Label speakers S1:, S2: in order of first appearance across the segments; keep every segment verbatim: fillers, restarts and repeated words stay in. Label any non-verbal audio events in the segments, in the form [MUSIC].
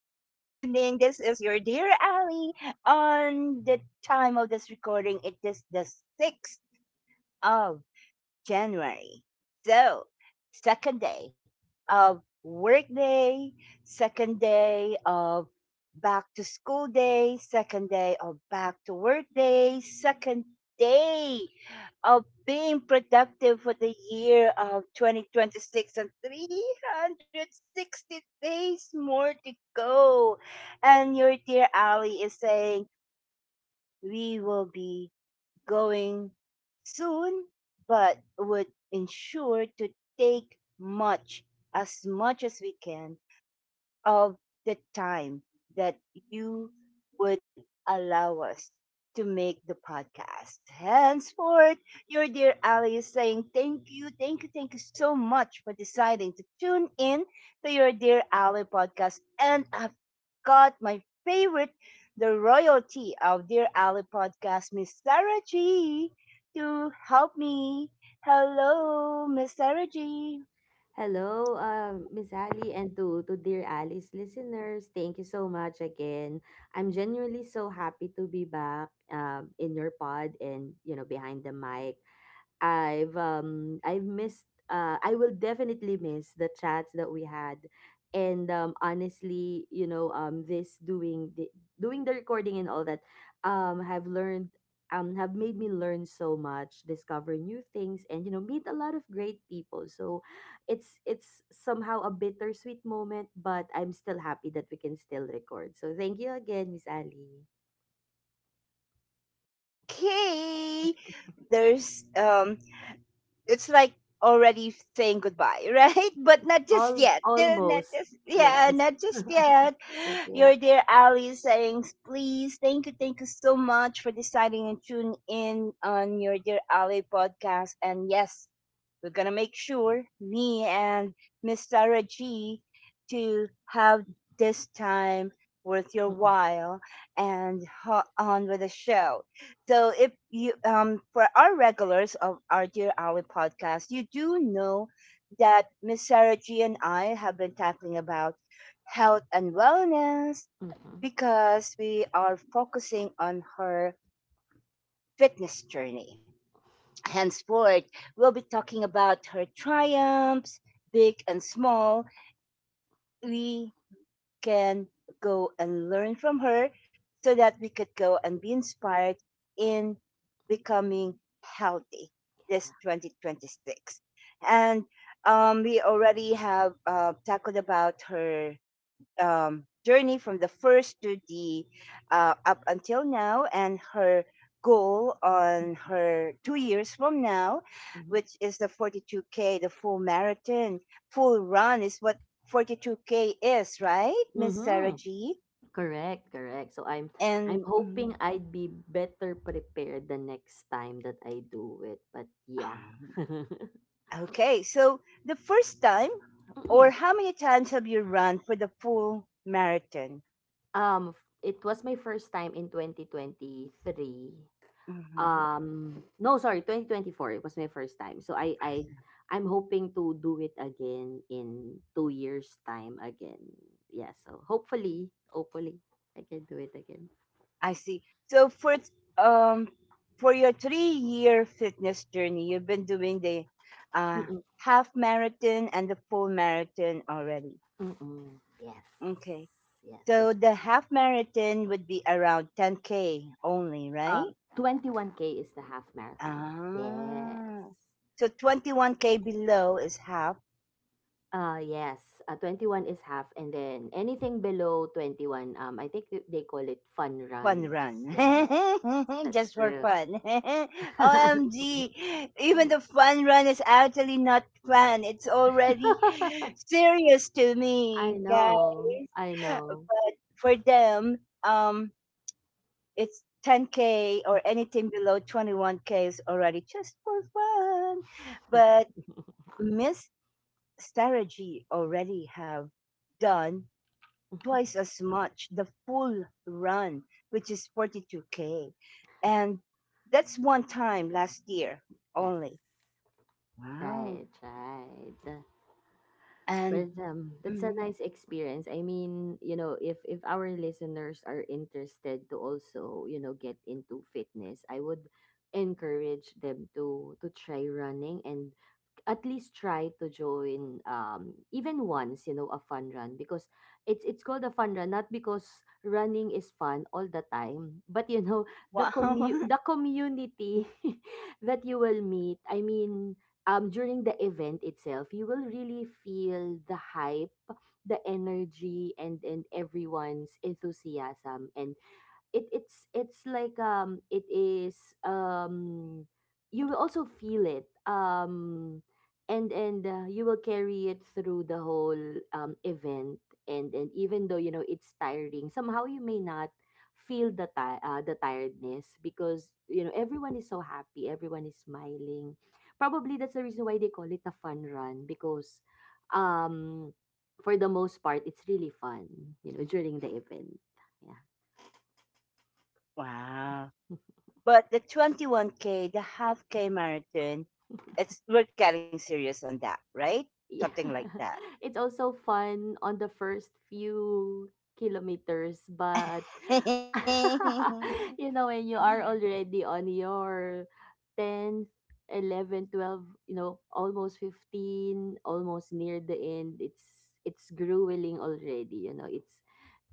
S1: This is your dear Ali. On the time of this recording, it is the sixth of January. So, second day of work day, second day of back to school day, second day of back to work day, second day of being productive for the year of twenty twenty-six and three hundred sixty days more to go. And your dear Ali is saying we will be going soon, but would ensure to take much, as much as we can of the time that you would allow us to make the podcast. Henceforth, your dear Ali is saying thank you, thank you, thank you so much for deciding to tune in to your dear Ali podcast. And I've got my favorite, the royalty of dear Ali podcast, Miss Sarah G, to help me. Hello, Miss Sarah G.
S2: Hello, uh, Miss Ali, and to, to dear Alice listeners, thank you so much again. I'm genuinely so happy to be back um, in your pod and you know behind the mic. I've um I've missed uh I will definitely miss the chats that we had. And um honestly, you know, um this doing the doing the recording and all that um have learned um have made me learn so much, discover new things and you know, meet a lot of great people. So it's it's somehow a bittersweet moment, but I'm still happy that we can still record. So thank you again, Miss Ali.
S1: Okay, there's um, it's like already saying goodbye, [LAUGHS] right? But not just
S2: Al-
S1: yet. They're Not
S2: almost.
S1: just yeah,
S2: Yes.
S1: Not
S2: [LAUGHS]
S1: just yet.
S2: Just yet.
S1: Your dear Ali is saying, please, thank you, thank you so much for deciding and tune in on your dear Ali podcast. And yes, we're gonna make sure me and Miss Sarah G to have this time worth your while and ho- on with the show. So if you um for our regulars of our Dear Ali podcast, you do know that Miss Sarah G and I have been talking about health and wellness
S2: Mhm,
S1: because we are focusing on her fitness journey. Henceforth, we'll be talking about her triumphs, big and small. We can go and learn from her so that we could go and be inspired in becoming healthy this twenty twenty-six and um, we already have uh, tackled about her um, journey from the first to the uh, up until now and her goal on her two years from now
S2: mhm,
S1: which is the forty-two k, the full marathon, full run is what forty-two k is, right, Miss Sarah
S2: mhm.
S1: G?
S2: Correct, correct. So I'm [LAUGHS] I'm
S1: And mm,
S2: hoping I'd be better prepared the next time that I do it. But yeah. [LAUGHS]
S1: [SIGHS] okay, so the first time or
S2: Mm-mm.
S1: how many times have you run for the full marathon?
S2: Um f- it was my first time in twenty twenty-three.
S1: Hmm.
S2: Um no, sorry, twenty twenty-four. It was my first time. So I I I'm hoping to do it again in two years time again. Yeah, so hopefully, hopefully I can do it again.
S1: I see. So for th- um for your three year fitness journey, you've been doing the uh half marathon and the full marathon already.
S2: Mm-mm. Yes.
S1: Okay.
S2: Yes,
S1: So
S2: that's
S1: the
S2: true.
S1: half marathon would be around ten k only, right?
S2: Um, twenty-one K is the half marathon. Yes.
S1: Ah. So twenty-one k below is half
S2: Uh, yes. Uh, twenty-one is half, and then anything below twenty-one, um, I think th- they call it fun
S1: fun
S2: runs.
S1: run.
S2: Yes,
S1: [LAUGHS]
S2: that's
S1: Just for
S2: true.
S1: fun. [LAUGHS]
S2: [LAUGHS]
S1: O M G. Even the fun run is actually not fun. It's already serious to
S2: I
S1: me, guys.
S2: know. I know.
S1: But for them, um, it's ten K or anything below twenty-one K is already just for fun.
S2: [LAUGHS]
S1: But Miss Strategy already have done twice as much the full run, which is forty-two K. And that's one time last year
S2: Yes.
S1: only. Wow.
S2: Right, right.
S1: And
S2: But um, That's a
S1: mhm.
S2: nice experience. I mean, you know, if if our listeners are interested to also, you know, get into fitness, I would encourage them to to try running and at least try to join um even once, you know, a fun run because it's it's called a fun run not because running is fun all the time, but you know, the commu
S1: Wow. [LAUGHS]
S2: the community [LAUGHS] that you will meet. I mean, um during the event itself you will really feel the hype, the energy, and and everyone's enthusiasm, and it it's it's like um it is um you will also feel it, um and and uh, you will carry it through the whole um event. And and even though you know it's tiring, somehow you may not feel the ti- uh, the tiredness because you know everyone is so happy, everyone is smiling. Probably that's the reason why they call it a fun run, because um for the most part it's really fun, you know, during the event. Yeah.
S1: Wow. But the twenty-one K, the half K marathon,
S2: [LAUGHS]
S1: it's we're getting serious on that, right?
S2: Yeah.
S1: Something like that.
S2: [LAUGHS] It's also fun on the first few kilometers, but [LAUGHS]
S1: [LAUGHS]
S2: you know, when you are already on your tenth, eleven, twelve, you know, almost fifteen, almost near the end, it's it's grueling already, you know. It's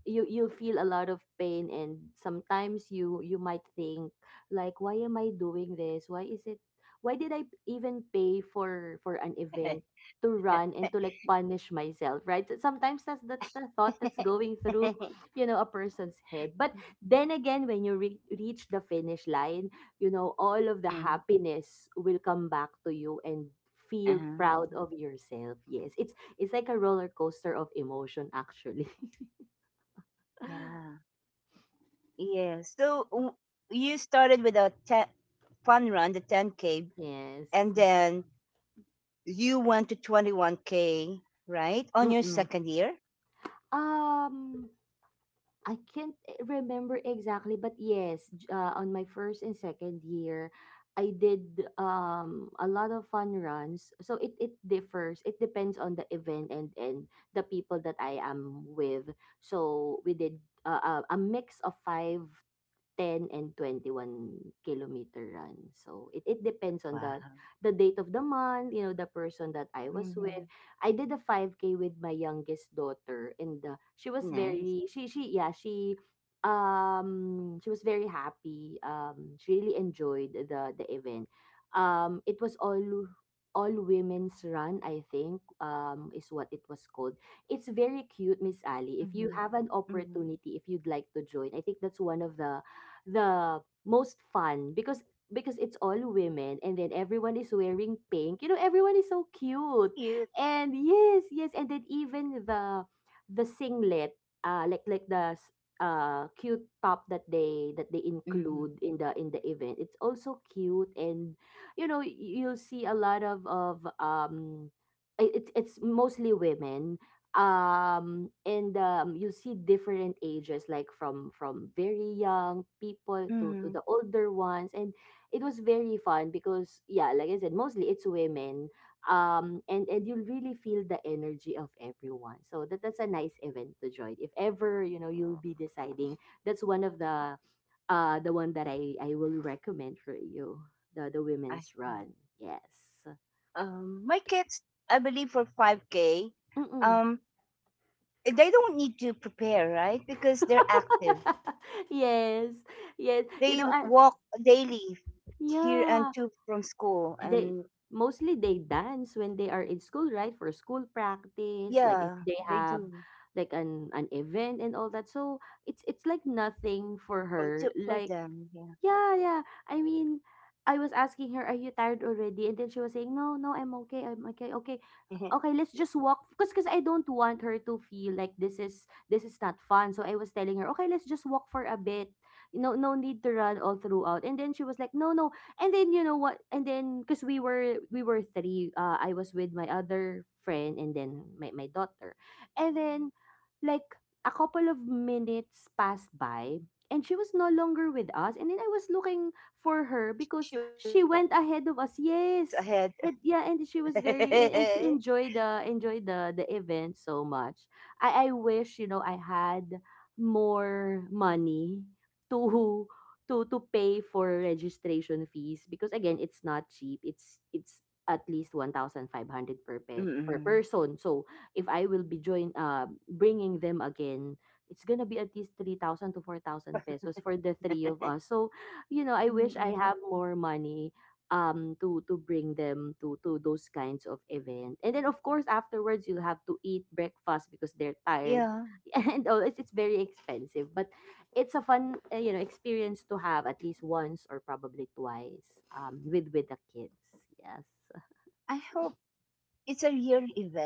S2: you you'll feel a lot of pain and sometimes you you might think like, why am I doing this, why is it, why did I even pay for for an event to run and to like punish myself, right? So sometimes that's that's the thought that's going through, you know, a person's head. But then again, when you re- reach the finish line, you know, all of the
S1: Mhm.
S2: happiness will come back to you and feel proud of
S1: Uh-huh.
S2: yourself. Yes, it's it's like a roller coaster of emotion, actually.
S1: Yeah. Yes. So w- you started with a ten fun run, the ten K,
S2: [LAUGHS] yes.
S1: and then you went to twenty-one K, right? On your
S2: Mm.
S1: second year?
S2: Um, I can't eh, remember exactly, but yes, j- uh, on my first and second year, I did um a lot of fun runs. So it it differs. It depends on the event and and the people that I am with. So we did uh, a a mix of five, ten and twenty-one kilometer run. So it, it depends on the
S1: Wow.
S2: the date of the month, you know, the person that I was with.
S1: Hmm.
S2: I did a five K with my youngest daughter and uh, she was very
S1: Nice.
S2: she she yeah, she um she was very happy. Um she really enjoyed the the event. Um it was all all women's run, I think, um is what it was called. It's very cute, Miss Ali. If you
S1: Mm-hmm.
S2: have an
S1: Hmm.
S2: opportunity, if you'd like to join, I think that's one of the the most fun because because it's all women and then everyone is wearing pink. You know, everyone is so cute.
S1: Cute.
S2: And yes, yes, and then even the the singlet, uh like like the s- uh cute top that they that they
S1: Mm-hmm.
S2: include in the in the event. It's also cute. And you know, y- you'll see a lot of of um i- it's it's mostly women, um and um you see different ages like from from very young people to to
S1: Hmm.
S2: the older ones. And it was very fun because, yeah, like I said, mostly it's women. Um and and you will really feel the energy of everyone, so that that's a nice event to join if ever, you know, you'll be deciding. That's one of the uh the one that i I will recommend for you, the the
S1: I
S2: women's
S1: see.
S2: run. Yes.
S1: Um, my kids, I believe for five K,
S2: Mm-mm.
S1: um, they don't need to prepare, right? Because they're active.
S2: [LAUGHS] yes. yes you
S1: They
S2: know I,
S1: walk daily here and
S2: yeah,
S1: to from school
S2: they
S1: and
S2: mostly they dance when they are in school, right? For school practice, like if
S1: yeah,
S2: they
S1: they
S2: have
S1: do.
S2: like an an event and all that. So it's it's like nothing for
S1: Oh,
S2: her.
S1: good for
S2: Like
S1: them. Yeah.
S2: yeah, yeah. I mean, I was asking her, "Are you tired already?" And then she was saying, "No, no, I'm okay. I'm okay. Okay.
S1: [LAUGHS]
S2: Okay, let's just walk because because I don't want her to feel like this is this is not fun." So I was telling her, "Okay, let's just walk for a bit. No no need to run all throughout." And then she was like, "No, no." And then you know what? And then because we were we were three, uh, I was with my other friend and then my my daughter. And then like a couple of minutes passed by and she was no longer with us, and then I was looking for her because
S1: She was
S2: she
S1: ahead.
S2: went ahead of us. Yes. And yeah,
S1: [LAUGHS]
S2: and she was very, and, and she enjoyed the enjoyed the the event so much. I I wish, you know, I had more money to to to pay for registration fees because, again, it's not cheap. It's it's at least one thousand five hundred per pet,
S1: Mm-mm.
S2: per person. So if I will be join uh bringing them again, it's gonna be at least three thousand to four thousand pesos for the three of us. So, you know, I
S1: Mm-mm.
S2: wish I have more money um to to bring them to to those kinds of event. And then of course afterwards you'll have to eat breakfast because they're
S1: Yeah.
S2: tired. [LAUGHS] And all it's, it's very expensive, but it's a fun, uh, you know, experience to have at least once or probably twice, um with with the kids. Yes.
S1: I hope it's a real event.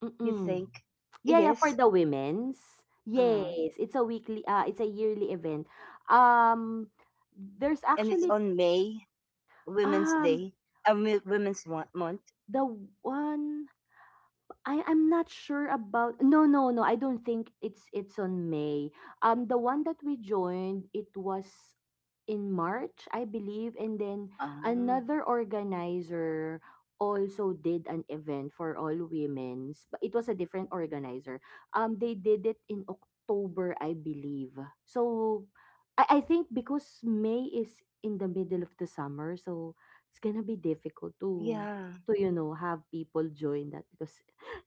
S1: You
S2: Mm-mm.
S1: think it
S2: Yeah, yeah,
S1: is?
S2: for the women's.
S1: Uh,
S2: Yes, it's a weekly uh it's a yearly event. Um there's
S1: and it's on
S2: actually
S1: May, Women's Day,
S2: um
S1: uh, Mo- Women's Mo- Month.
S2: the one I I'm not sure about. no no No, I don't think it's it's on May. Um, the one that we joined, it was in March, I believe. And then
S1: Ah.
S2: another organizer also did an event for all women's, but it was a different organizer. Um, they did it in October, I believe. So I I think because May is in the middle of the summer, so it's gonna be difficult to
S1: Yeah.
S2: to you know have people join that because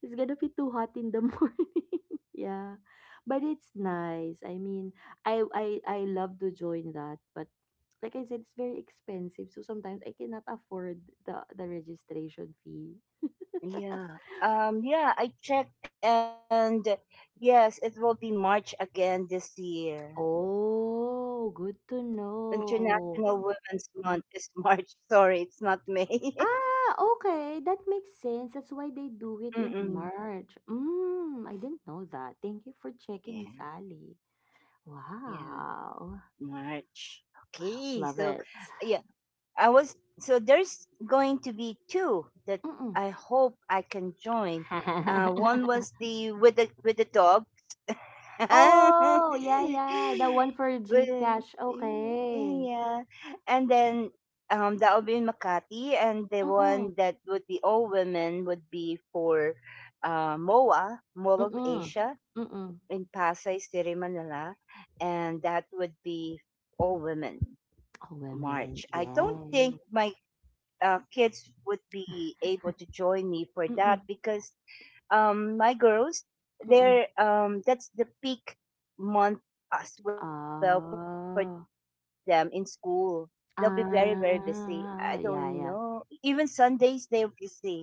S2: it's gonna be too hot in the [LAUGHS] morning. Yeah. But it's nice. I mean, I I I love to join that, but like I said, it's very expensive. So sometimes I cannot afford the the registration fee. [LAUGHS]
S1: Yeah. Um, yeah, I checked, and uh, yes, it will be March again this year.
S2: Oh, good to know.
S1: International Women's Month is March. [LAUGHS] Sorry, it's not May. [LAUGHS]
S2: Ah, okay. That makes sense. That's why they do it in
S1: Mm.
S2: March. Mm, I didn't know that. Thank you for checking, Miss
S1: Yeah,
S2: Ali.
S1: yeah.
S2: Wow.
S1: March.
S2: Wow,
S1: Okay.
S2: love
S1: So,
S2: it.
S1: yeah, I was so there's going to be two that
S2: Mm-mm.
S1: I hope I can join. Uh, one
S2: [LAUGHS]
S1: was the with the with the dog. [LAUGHS]
S2: Oh, yeah, yeah. The one for
S1: Well,
S2: GCash. Okay.
S1: yeah, and then um that will be in Makati, and the
S2: Mm-mm.
S1: one that would be all women would be for uh, M O A, Mall of
S2: Mm-mm.
S1: Asia
S2: Mm-mm.
S1: in Pasay City, Manila, and that would be All Women
S2: Oh, women.
S1: March. I don't think
S2: Yes.
S1: my uh, kids would be able to join me for that
S2: Mm-mm.
S1: because um, my girls,
S2: Mm-mm.
S1: they're um, that's the peak month as well for them in
S2: Ah.
S1: school. They'll be very very busy. I don't know.
S2: Ah.
S1: Even
S2: Yeah, yeah.
S1: Sundays they'll be busy.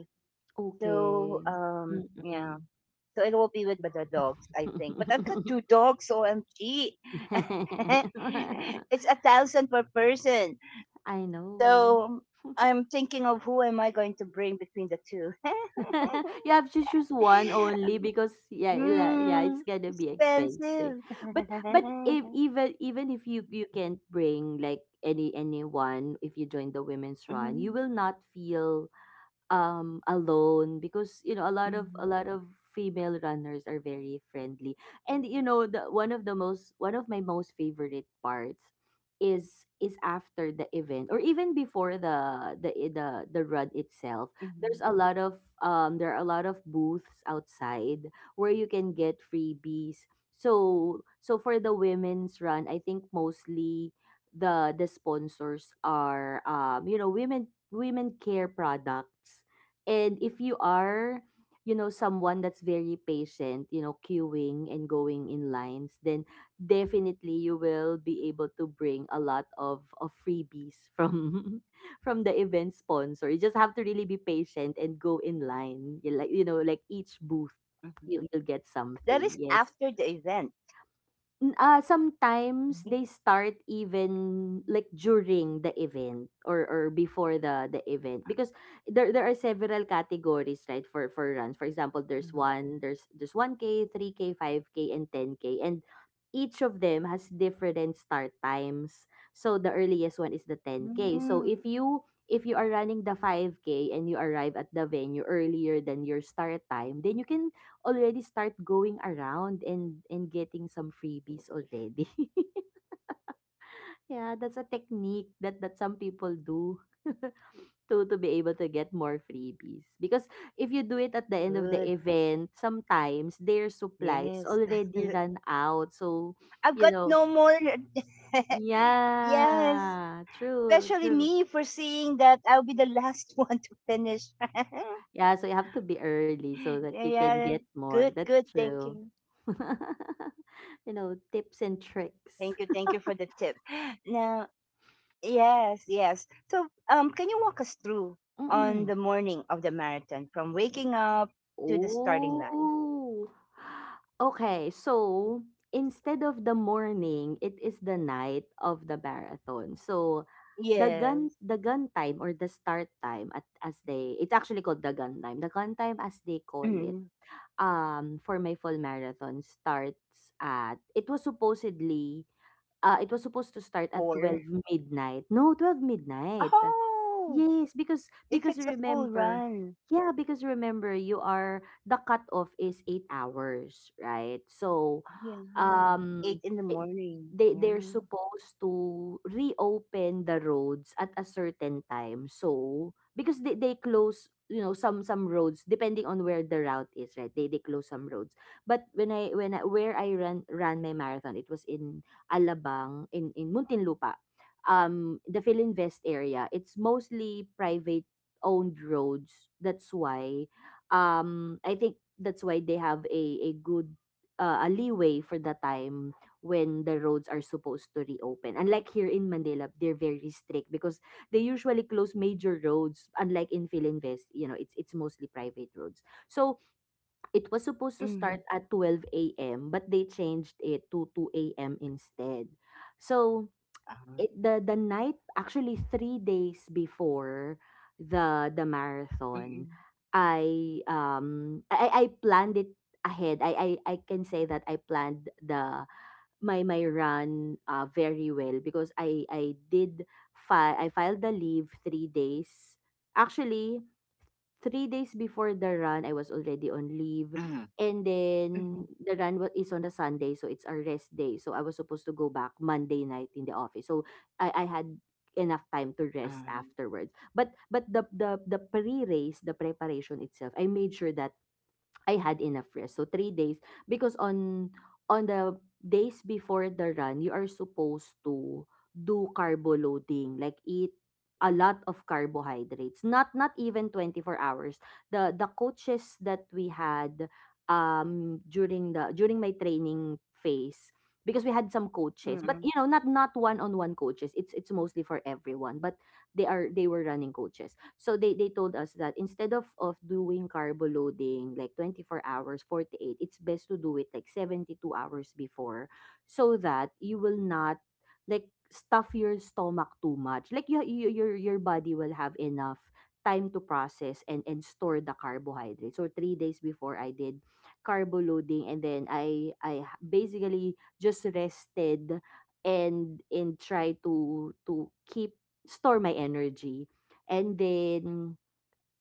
S1: So
S2: Okay.
S1: um, yeah.
S2: Mm-mm.
S1: So it will be with the dogs, I think. But I've got two dogs, O M G. [LAUGHS]
S2: [LAUGHS]
S1: It's a thousand per person.
S2: I know.
S1: So
S2: [LAUGHS]
S1: I'm thinking of who am I going to bring between the two. [LAUGHS]
S2: [LAUGHS] you have to choose one only because, yeah, la- yeah, it's
S1: mm,
S2: gonna be expensive.
S1: Expensive. [LAUGHS]
S2: But but if even even if you you can't bring like any anyone, if you join the women's run you will
S1: Mhm,
S2: not feel um alone because you know a lot of a lot of
S1: mhm,
S2: female runners are very friendly. And you know, the one of the most one of my most favorite parts is
S1: mhm,
S2: is after the event or even before the the i- the, the run itself, there's a lot of um there are a lot of booths outside where you can get freebies. So so for the women's run, I think mostly the the sponsors are, um, you know, women, women care products. And if you are, you know, someone that's very patient, you know, queuing and going in lines, then definitely you will be able to bring a lot of, of freebies from [LAUGHS] from the event sponsor. You just have to really be patient and go in line. You like you know, like each booth you
S1: mhm.
S2: you'll get something.
S1: That is
S2: Yes.
S1: after the event.
S2: N- ah, sometimes they
S1: Right?
S2: start even like during the event or or before the the event, because there there are several categories, right, for for runs. For example, there's
S1: Mhm.
S2: one there's there's one k, three k, five k, and ten k, and each of them has different start times. So the earliest one is the ten k. So if
S1: Mm,
S2: you if you are running the five k and you arrive at the venue earlier than your start time, then you can already start going around and and getting some freebies already. [LAUGHS]
S1: I
S2: Yeah, that's a
S1: see.
S2: technique that that some people do. [LAUGHS] to to be able to get
S1: Good.
S2: more freebies. Because if you do it at the end of the
S1: Yes.
S2: event,
S1: [LAUGHS]
S2: sometimes their
S1: I've got
S2: supplies
S1: no more.
S2: already run
S1: [LAUGHS]
S2: out. So, you know.
S1: Yes. Especially me for seeing that
S2: Yeah,
S1: I'll be the
S2: true,
S1: last [LAUGHS]
S2: true.
S1: one to finish. [LAUGHS]
S2: Yeah, so
S1: Yeah.
S2: you have to be
S1: Good, good.
S2: early so
S1: Thank
S2: that you
S1: you.
S2: can get more. That's true.
S1: Thank
S2: [LAUGHS]
S1: you.
S2: You know,
S1: Thank you for the
S2: tips and
S1: tip. [GASPS]
S2: tricks.
S1: Now, yes, yes. So, um, can you walk us through on the morning of the
S2: [LAUGHS]
S1: marathon from waking up to the starting line?
S2: Oh. Okay, so instead of the morning, it is the night of the marathon. So
S1: Yes.
S2: the gun the gun time, or the start time, at as they it's actually called the gun time. The gun time, as they call it,
S1: Mm,
S2: um for my full marathon, starts at it was supposedly uh it was supposed to start at twelve
S1: four.
S2: midnight. No, twelve midnight.
S1: Oh,
S2: Yes, because
S1: if
S2: because
S1: it's a full
S2: remember,
S1: run.
S2: yeah, because remember, you are the cutoff is eight hours, right? So,
S1: Oh, yeah. Eight
S2: um,
S1: in the
S2: it,
S1: morning.
S2: they they're
S1: Yeah.
S2: supposed to reopen the roads at a certain time. So, because they they close, you know some some roads, depending on where the route is, right, they they close some roads. But when i when I, where i ran ran my marathon, it was in Alabang, in in Muntinlupa, um the Philinvest area. It's mostly private owned roads. That's why, um I think that's why, they have a a good uh, a leeway for the time when the roads are supposed to reopen. Unlike here in Manila, they're very strict, because they usually close major roads. Unlike in Philinvest, you know, it's it's mostly private roads. So it was supposed to
S1: Mhm.
S2: start at twelve a m, but they changed it to two a m instead. So,
S1: Ah,
S2: it the the night, actually three days before the the marathon,
S1: mm.
S2: i um i i I planned it ahead. I i, I can say that I planned the my my run uh, very well, because i i did fi- i filed the leave three days... Actually, three days before the run, I was already on leave.
S1: Mhm.
S2: And then
S1: Mhm.
S2: the run wa- is on a Sunday, so it's a rest day. So I was supposed to go back Monday night in the office. So I, I had enough time to rest
S1: Mm.
S2: afterwards. But but the the the pre-race, the preparation itself, I made sure that I had enough rest. So, three days, because on on the days before the run, you are supposed to do carbo loading, like eat a lot of carbohydrates. Not not even twenty-four hours. The the coaches that we had, um during the during my training phase, because we had some coaches, but you
S1: Mm.
S2: know, not not one on one coaches, it's it's mostly for everyone. But they are they were running coaches, so they they told us that instead of of doing carbo loading like twenty-four hours, forty-eight, it's best to do it like seventy-two hours before, so that you will not, like, stuff your stomach too much. Like, you, you your your body will have enough time to process and and store the carbohydrates. So three days before, I did carbo loading, and then I I h- basically just rested, and and try to to keep store my energy. And then,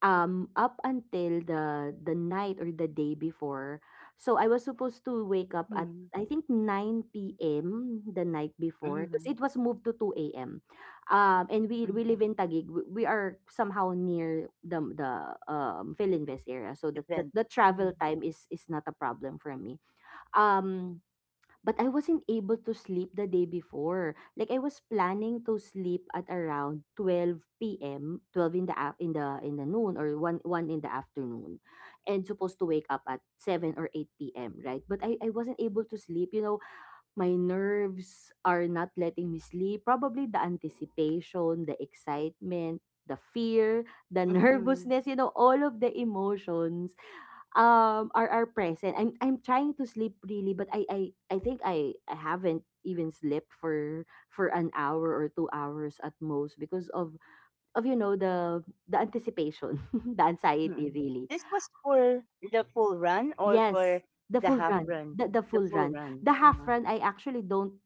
S2: um up until the the night, or the day before. So I was supposed to wake up at,
S1: Mm.
S2: I think, nine p m the night before, because it
S1: Mhm.
S2: was moved to two a m. Um and we we live
S1: Mhm.
S2: in Taguig. We we are somehow near the the um Philinvest area. So the, the
S1: Event.
S2: the travel
S1: Mhm.
S2: time is is not a problem for me. Um but I wasn't able to sleep the day before. Like, I was planning to sleep at around twelve p m, twelve in the af- in the in the noon, or 1 1 in the afternoon, and supposed to wake up at seven or eight p m, right? But I I wasn't able to sleep. You know, my nerves are not letting me sleep. Probably the anticipation, the excitement,
S1: Mm.
S2: the
S1: Mm-mm.
S2: fear, the [LAUGHS] nervousness, you know, all of the emotions, um are are present. I'm I'm trying to sleep, really, but I I I think I I haven't even slept for for an hour or two hours at most, because of of you know, the the anticipation, [LAUGHS] the anxiety,
S1: Mm.
S2: really.
S1: This was for the full run or
S2: Yes,
S1: for
S2: the
S1: the
S2: full
S1: half
S2: run,
S1: run?
S2: the the
S1: The
S2: full
S1: full
S2: run,
S1: run.
S2: the half
S1: Uh-huh.
S2: run. I actually don't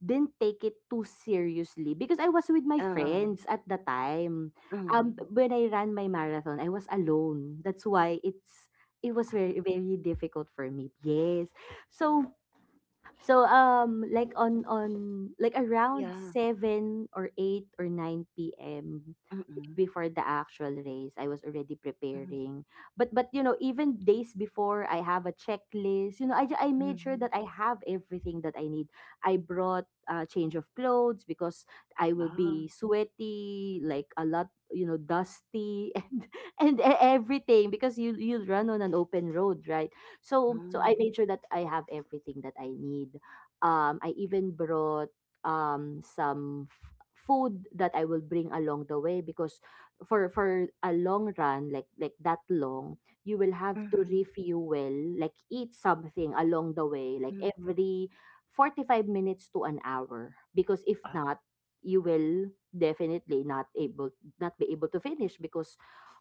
S2: didn't take it too seriously, because I was with my
S1: Uh, huh.
S2: friends at the time. Um,
S1: Mm.
S2: when I ran my marathon, I was alone. That's why it's it was very,
S1: Ah,
S2: very difficult for me. Yes. So, So um like, on on like around
S1: yeah.
S2: seven or eight or nine p m before
S1: Mm-mm.
S2: the actual race, I was already preparing.
S1: Mm.
S2: But but you know, even days before, I have a checklist. You know, I ju- I made sure that
S1: Mhm.
S2: I
S1: Mhm.
S2: have everything that I need. I brought a change of clothes, because I will be
S1: Ah,
S2: sweaty, like, a lot, you know, dusty, [LAUGHS] and and e- everything, because you you run on an open road, right? So, so I made sure that
S1: mhm.
S2: I have everything that I need. Um, I even brought, um some f- food that I will bring along the way, because for for a long run, like like that long, you will have to refuel, like eat something along the way, like
S1: Mhm.
S2: every forty-five minutes to an hour, because if not,
S1: Ah,
S2: you will definitely not able not be able to finish, because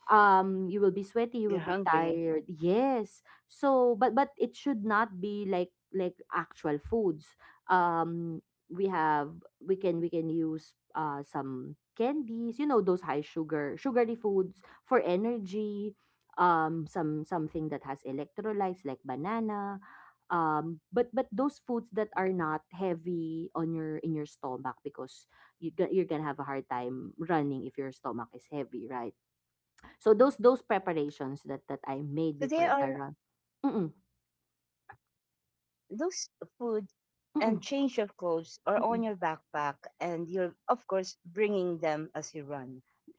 S2: um you will be sweaty, you will be
S1: you're
S2: tired,
S1: hungry.
S2: yes. So, but but it should not be like like actual foods. um we have we can we can use, uh some candies, you know, those high, sugar sugary foods for energy. um some something that has electrolytes, like banana. um but but those foods that are not heavy on your in your stomach, because, you, you're gonna have a hard time running if your stomach is heavy, right. So, those those
S1: So they
S2: preparations
S1: are
S2: that that I made before the run. Mm,
S1: those food and change of clothes
S2: mm,
S1: are on your backpack
S2: mm.
S1: and you're of course bringing them as you run.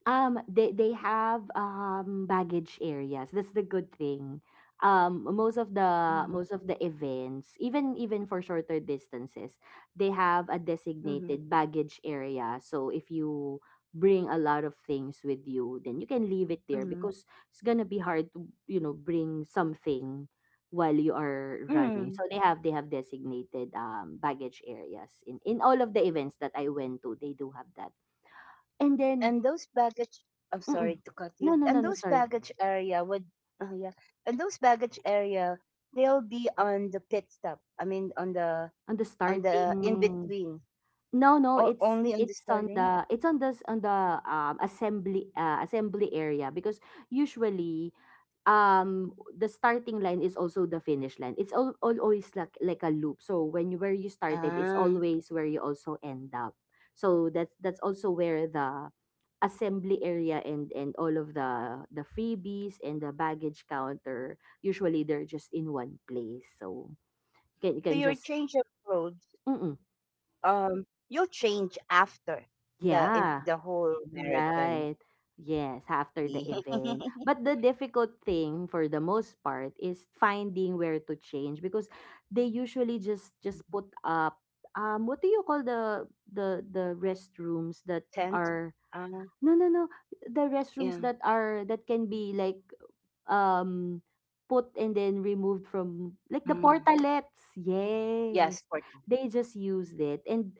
S2: Um, they they have, um baggage areas. That's the good thing. Um, most of
S1: Hmm.
S2: the most of the events, even, even for shorter distances, they have a
S1: Hmm.
S2: designated baggage area. So if you bring a lot of things with you, then you can leave it there,
S1: Hmm.
S2: because it's gonna be hard to, you know bring something while you are
S1: Hmm.
S2: running. So they have they have designated, um baggage areas in in all of the events that I went to. They do have that. And
S1: And
S2: then...
S1: those baggage, I'm sorry
S2: Mm.
S1: to cut you,
S2: No, no,
S1: and
S2: no, no,
S1: those
S2: sorry.
S1: baggage area would, oh yeah, and those baggage area, they'll be on the pit stop, I mean on the,
S2: On the
S1: on
S2: starting
S1: the in between,
S2: No, no,
S1: or
S2: it's
S1: only on the
S2: it's on
S1: starting,
S2: the, it's on the s- on the um assembly uh, assembly area, because usually, um the starting line is also the finish line. It's all, all always, like like a loop. So, when you where you started is
S1: ah,
S2: always where you also end up. So that's that's also where the assembly area and and all of the the freebies and the baggage counter, usually they're just in one place. So... Can you can
S1: so
S2: just
S1: your change of clothes,
S2: Mm-mm.
S1: um, you'll change after the in, the
S2: Yeah,
S1: whole marathon.
S2: right. Yes,
S1: The
S2: after the
S1: [LAUGHS]
S2: event. But the difficult thing, for the most part, is finding where to change, because they usually just just put up, um what do you call, the the the restrooms that
S1: tent,
S2: are
S1: um,
S2: no, no, no — the restrooms
S1: yeah.
S2: that are that can be like, um put and then removed, from, like, the
S1: Mm,
S2: portalets,
S1: yes
S2: yes,
S1: for [LAUGHS]
S2: they just used it, and...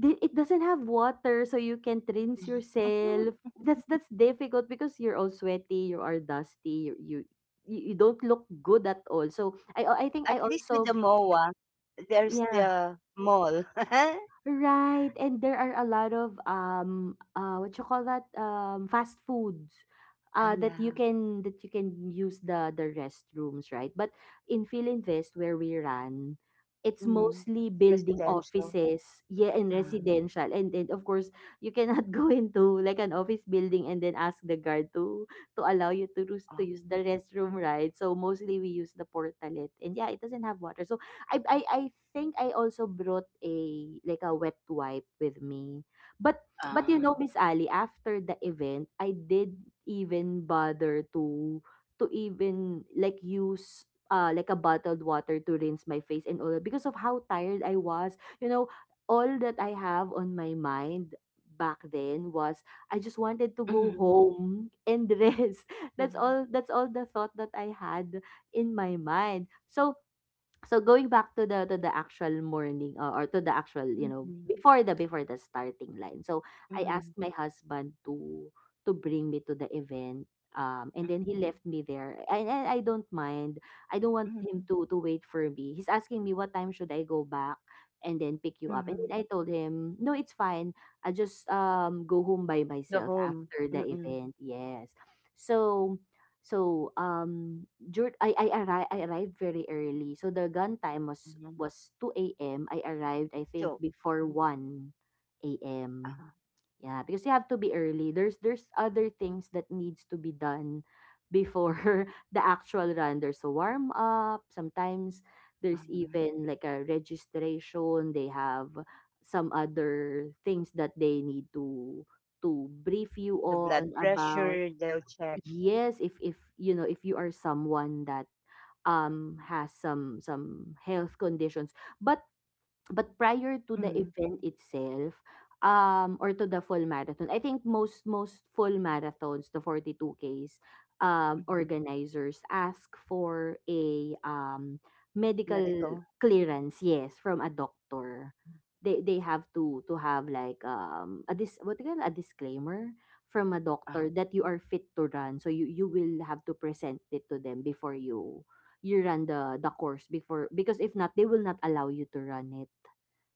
S2: Di It doesn't have water, so you can't rinse yourself. That's that's difficult, because you're all sweaty, you are dusty, you you you you don't look good at all. So I I think
S1: at
S2: I
S1: least with the
S2: also...
S1: MOA there's
S2: Yeah.
S1: the mall. [LAUGHS]
S2: Right, and there are a lot of, um uh what you call that, um fast foods,
S1: Ah,
S2: uh that you
S1: yeah.
S2: can that you can use the the restrooms, right? But in Philinvest where we run, it's
S1: Mm,
S2: mostly building
S1: residential,
S2: offices, yeah, and
S1: um.
S2: residential. And then, of course, you cannot [LAUGHS] go into, like, an office building, and then ask the guard to to allow you to
S1: Um.
S2: use to use the restroom, right? So mostly we use the portalet. And yeah, it doesn't have water. So I I I think I also brought a like a wet wipe with me. But, but
S1: Um.
S2: you know, Miss Ali, after the event, I did even bother to to even, like, use, uh like a bottled water to rinse my face and all that, because of how tired I was. You know, all that I have on my mind back then was, I just wanted to
S1: Mm,
S2: go home and [LAUGHS] rest.
S1: mm,
S2: That's all that's all the thought that I had in my mind. So so going back to the to the actual morning uh, or to the actual you know
S1: mhm,
S2: before the before the starting line. So I asked
S1: mhm,
S2: my husband to to bring me to the event. Um, and then he
S1: mhm,
S2: left me there. And I, I I don't mind. I don't want him
S1: mhm,
S2: to to wait for me. He's asking me what time should I go back and then pick you up. And
S1: mhm.
S2: then I told him, no, it's fine. I just um go home by
S1: The
S2: myself
S1: home
S2: after the
S1: mm-mm,
S2: event. Yes. So so um Dur I I arri I arrived very early. So the gun time was
S1: mm,
S2: was two a m. I
S1: so
S2: arrived, I think,
S1: mm,
S2: before 1
S1: uh-huh.
S2: AM. Yeah, because you have to be early. There's there's other things that needs to be done before [LAUGHS] the actual run. There's a warm up. Sometimes
S1: Mm-hmm.
S2: there's even like a registration. They have some
S1: The blood
S2: other things that
S1: pressure,
S2: they
S1: they'll
S2: need
S1: check.
S2: to to brief you on about. Yes, if if you know if you are someone that um, has some some health conditions. But
S1: Hmm.
S2: but prior to the event itself, um, or to the full marathon, I think most most full marathons, the forty-two Ks,
S1: Hmm.
S2: um, organizers ask for a um,
S1: Medical.
S2: medical clearance, yes, from a doctor. They they have to to have like um a dis what do you call it? A disclaimer from a
S1: Uh,
S2: doctor that you are fit to run. So you you will have to present it to them before you you run the the course, before, because if not they will not allow you to run it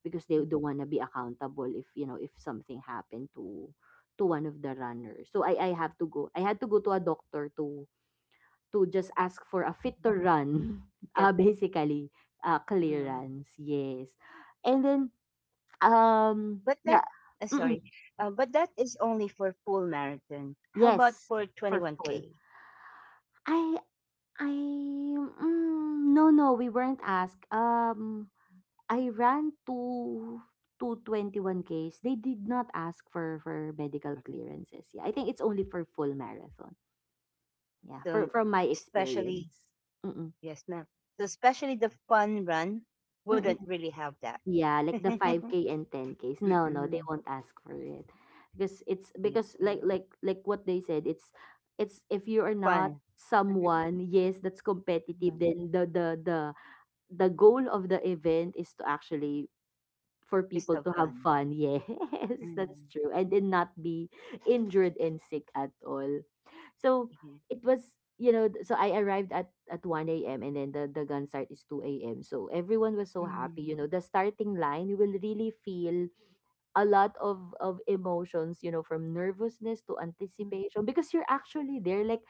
S2: because they don't wanna be accountable if, you know, if something happened to to one of the runners. So I I have to go I had to go to a doctor to
S1: mhm,
S2: to just ask for a
S1: get,
S2: fit to run, [LAUGHS] uh,
S1: uh,
S2: basically, uh, clearance, yes. And then,
S1: but that, uh, sorry,
S2: um, yeah.
S1: uh, but that
S2: mm,
S1: is only for full marathon. How about for
S2: yes,
S1: twenty-one K?
S2: for full. I I mm, no, no, we weren't asked. Um, I ran two two twenty-one Ks. They did not ask for for
S1: Mhm.
S2: medical clearances. Yeah, I think it's only for full marathon.
S1: So,
S2: Yeah, for from my
S1: especially,
S2: experience.
S1: yes,
S2: Mm-mm.
S1: ma'am. So, especially the fun run wouldn't really
S2: Mm-mm.
S1: have that. [LAUGHS]
S2: Yeah, like the
S1: Mm-mm.
S2: five K and ten Ks. No, no, they won't ask for it. Because
S1: Yes,
S2: it's
S1: ma'am.
S2: because like like like what they said, it's it's if you are
S1: Fun.
S2: not
S1: [LAUGHS]
S2: someone, yes, that's
S1: Mhm.
S2: competitive, then the the the the goal of the event is to actually for
S1: Just have
S2: people to have
S1: fun.
S2: fun. [LAUGHS] Yes,
S1: Mm,
S2: that's true. And then not be injured and sick at all. So
S1: yeah.
S2: it was, you know, th- so I arrived at, at one a m and then the, the gun start is two a m. So everyone was so happy. You know, the starting line, you will really feel a lot of, of emotions, you know, from nervousness to
S1: Mhm.
S2: anticipation because you're actually there. Like,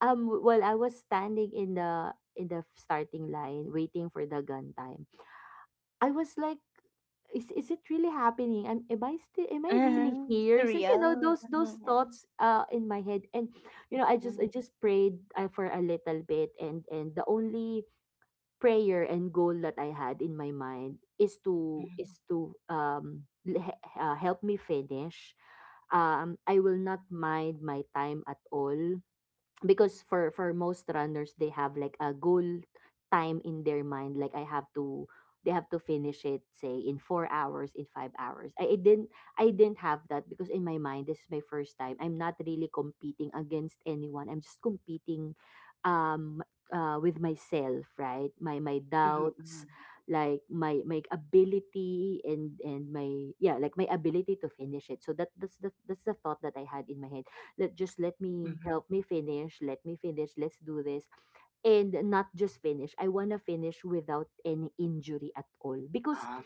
S2: um, while I was standing in the in the starting line waiting for the gun time, I was like, is is it really happening? Am am I still am I
S1: Mhm,
S2: really here? So you
S1: surreal.
S2: know those those
S1: Mhm,
S2: thoughts uh in my head, and you know I
S1: mhm,
S2: just I just prayed, uh, for a little bit, and and the only prayer and goal that I had in my mind is to
S1: mhm,
S2: is to um l- he- uh, help me finish. Um, I will not mind my time at all because for for most runners they have like a goal time in their mind. Like, I have to they have to finish it, say, in four hours, in five hours. I, I didn't i didn't have that because in my mind this is my first time. I'm not really competing against anyone. I'm just competing, um uh, with myself, right? my
S1: mhm,
S2: my
S1: mhm,
S2: doubts, like my my ability, and and my yeah like my ability to finish it. So that that's the that's the thought that I had in my head. Let just let
S1: mhm.
S2: me help me finish. Let me finish. Let's do this. And not just finish. I wanna finish without any injury at all. Because
S1: Ah,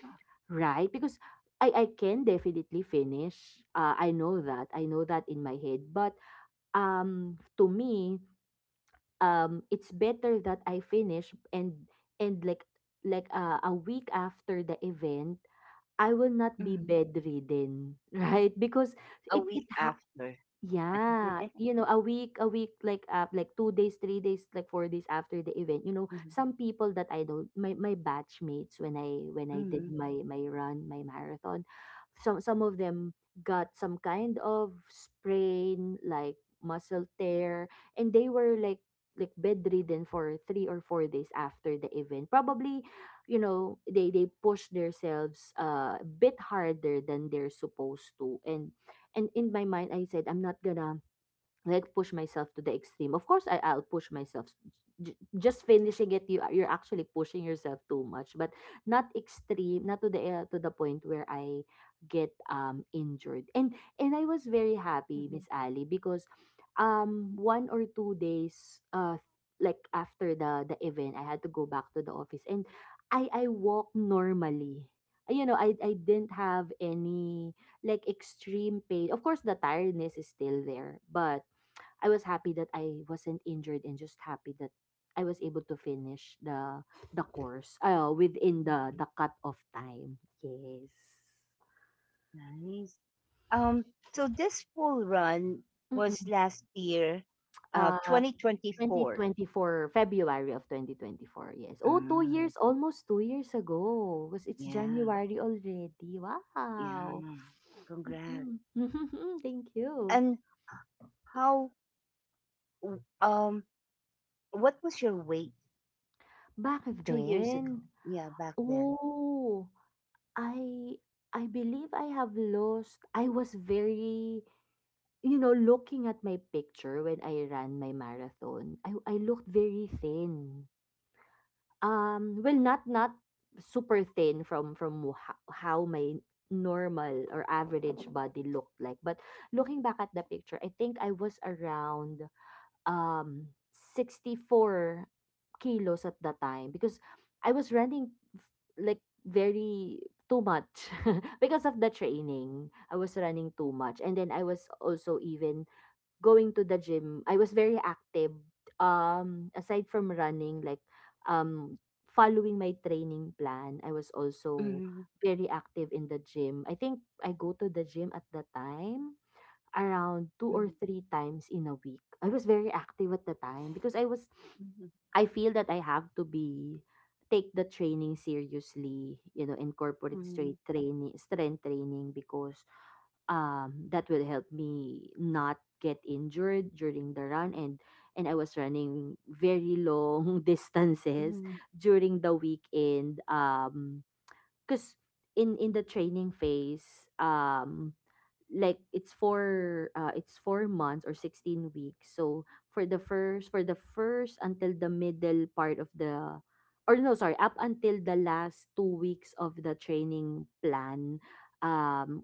S2: Right? Because I, I can definitely finish. Uh, I know that. I know that in my head. But, um, to me, um, it's better that I finish, and and like, like uh, a week after the event, I will not be
S1: mhm.
S2: bedridden, [LAUGHS] right? Because,
S1: A
S2: it
S1: week
S2: it ha-
S1: after. [LAUGHS]
S2: yeah, you know, a week, a week, like, uh, like, two days, three days, like four days after the event. You know,
S1: Mhm,
S2: some people that I know, my my batchmates, when I when I
S1: mhm,
S2: did my my run, my marathon, some some of them got some kind of sprain, like muscle tear, and they were like like bedridden for three or four days after the event. Probably, you know, they they push themselves, uh, a bit harder than they're supposed to, and and in my mind, I said, I'm not gonna like push myself to the extreme. Of course, I
S1: mhm,
S2: I'll push myself. J- just finishing it, you you're actually pushing yourself too much, but not extreme, not to the uh, to the point where I get um injured. And and I was very happy,
S1: mhm,
S2: Miss Ali, because um one or two days, uh like, after the the event, I had to go back to the office, and I I walk normally. You know, I I didn't have any like extreme pain. Of course, the tiredness is still there, but I was happy that I wasn't injured and just happy that I was able to finish the the course, uh, within the
S1: mhm.
S2: the cut off time. Yes.
S1: Nice. Um, so this full run was
S2: Mm-mm.
S1: last year, uh,
S2: Uh,
S1: twenty twenty-four.
S2: twenty twenty-four, February of twenty twenty-four. Yes. Oh, two
S1: Mm,
S2: years, almost two years ago. Was, it's
S1: yeah,
S2: January already?
S1: yeah.
S2: Wow.
S1: Congrats.
S2: Mhm. [LAUGHS] Thank you.
S1: And how, w- um, what was your weight
S2: Back
S1: two years
S2: then,
S1: ago? Yeah, back then.
S2: oh, I I believe I have lost. I was very you know, Looking at my picture when I ran my marathon, I I looked very thin. Um, well, not not super thin from from ho- how my normal or average body looked like, but looking back at the picture, I think I was around, um sixty-four kilos at the time because I was running, f- like, very too much [LAUGHS] because of the training. I was running too much, and then I was also even going to the gym. I was very active. Um, aside from running, like, um, following my training plan, I was also
S1: Mm-hmm.
S2: very active in the gym. I think I go to the gym at the time around two or three times in a week. I was very active at the time because I was, I feel that I have to be take the training seriously, you know, incorporate straight
S1: Mhm,
S2: training, strength training, because um that will help me not get injured during the run, and and I was running very long [LAUGHS] distances
S1: mhm,
S2: during the weekend, um cuz in in the training phase, um like, it's for, uh, it's four months or sixteen weeks. So for the first for the first until the middle part of the, or no, sorry, up until the last two weeks of the training plan, um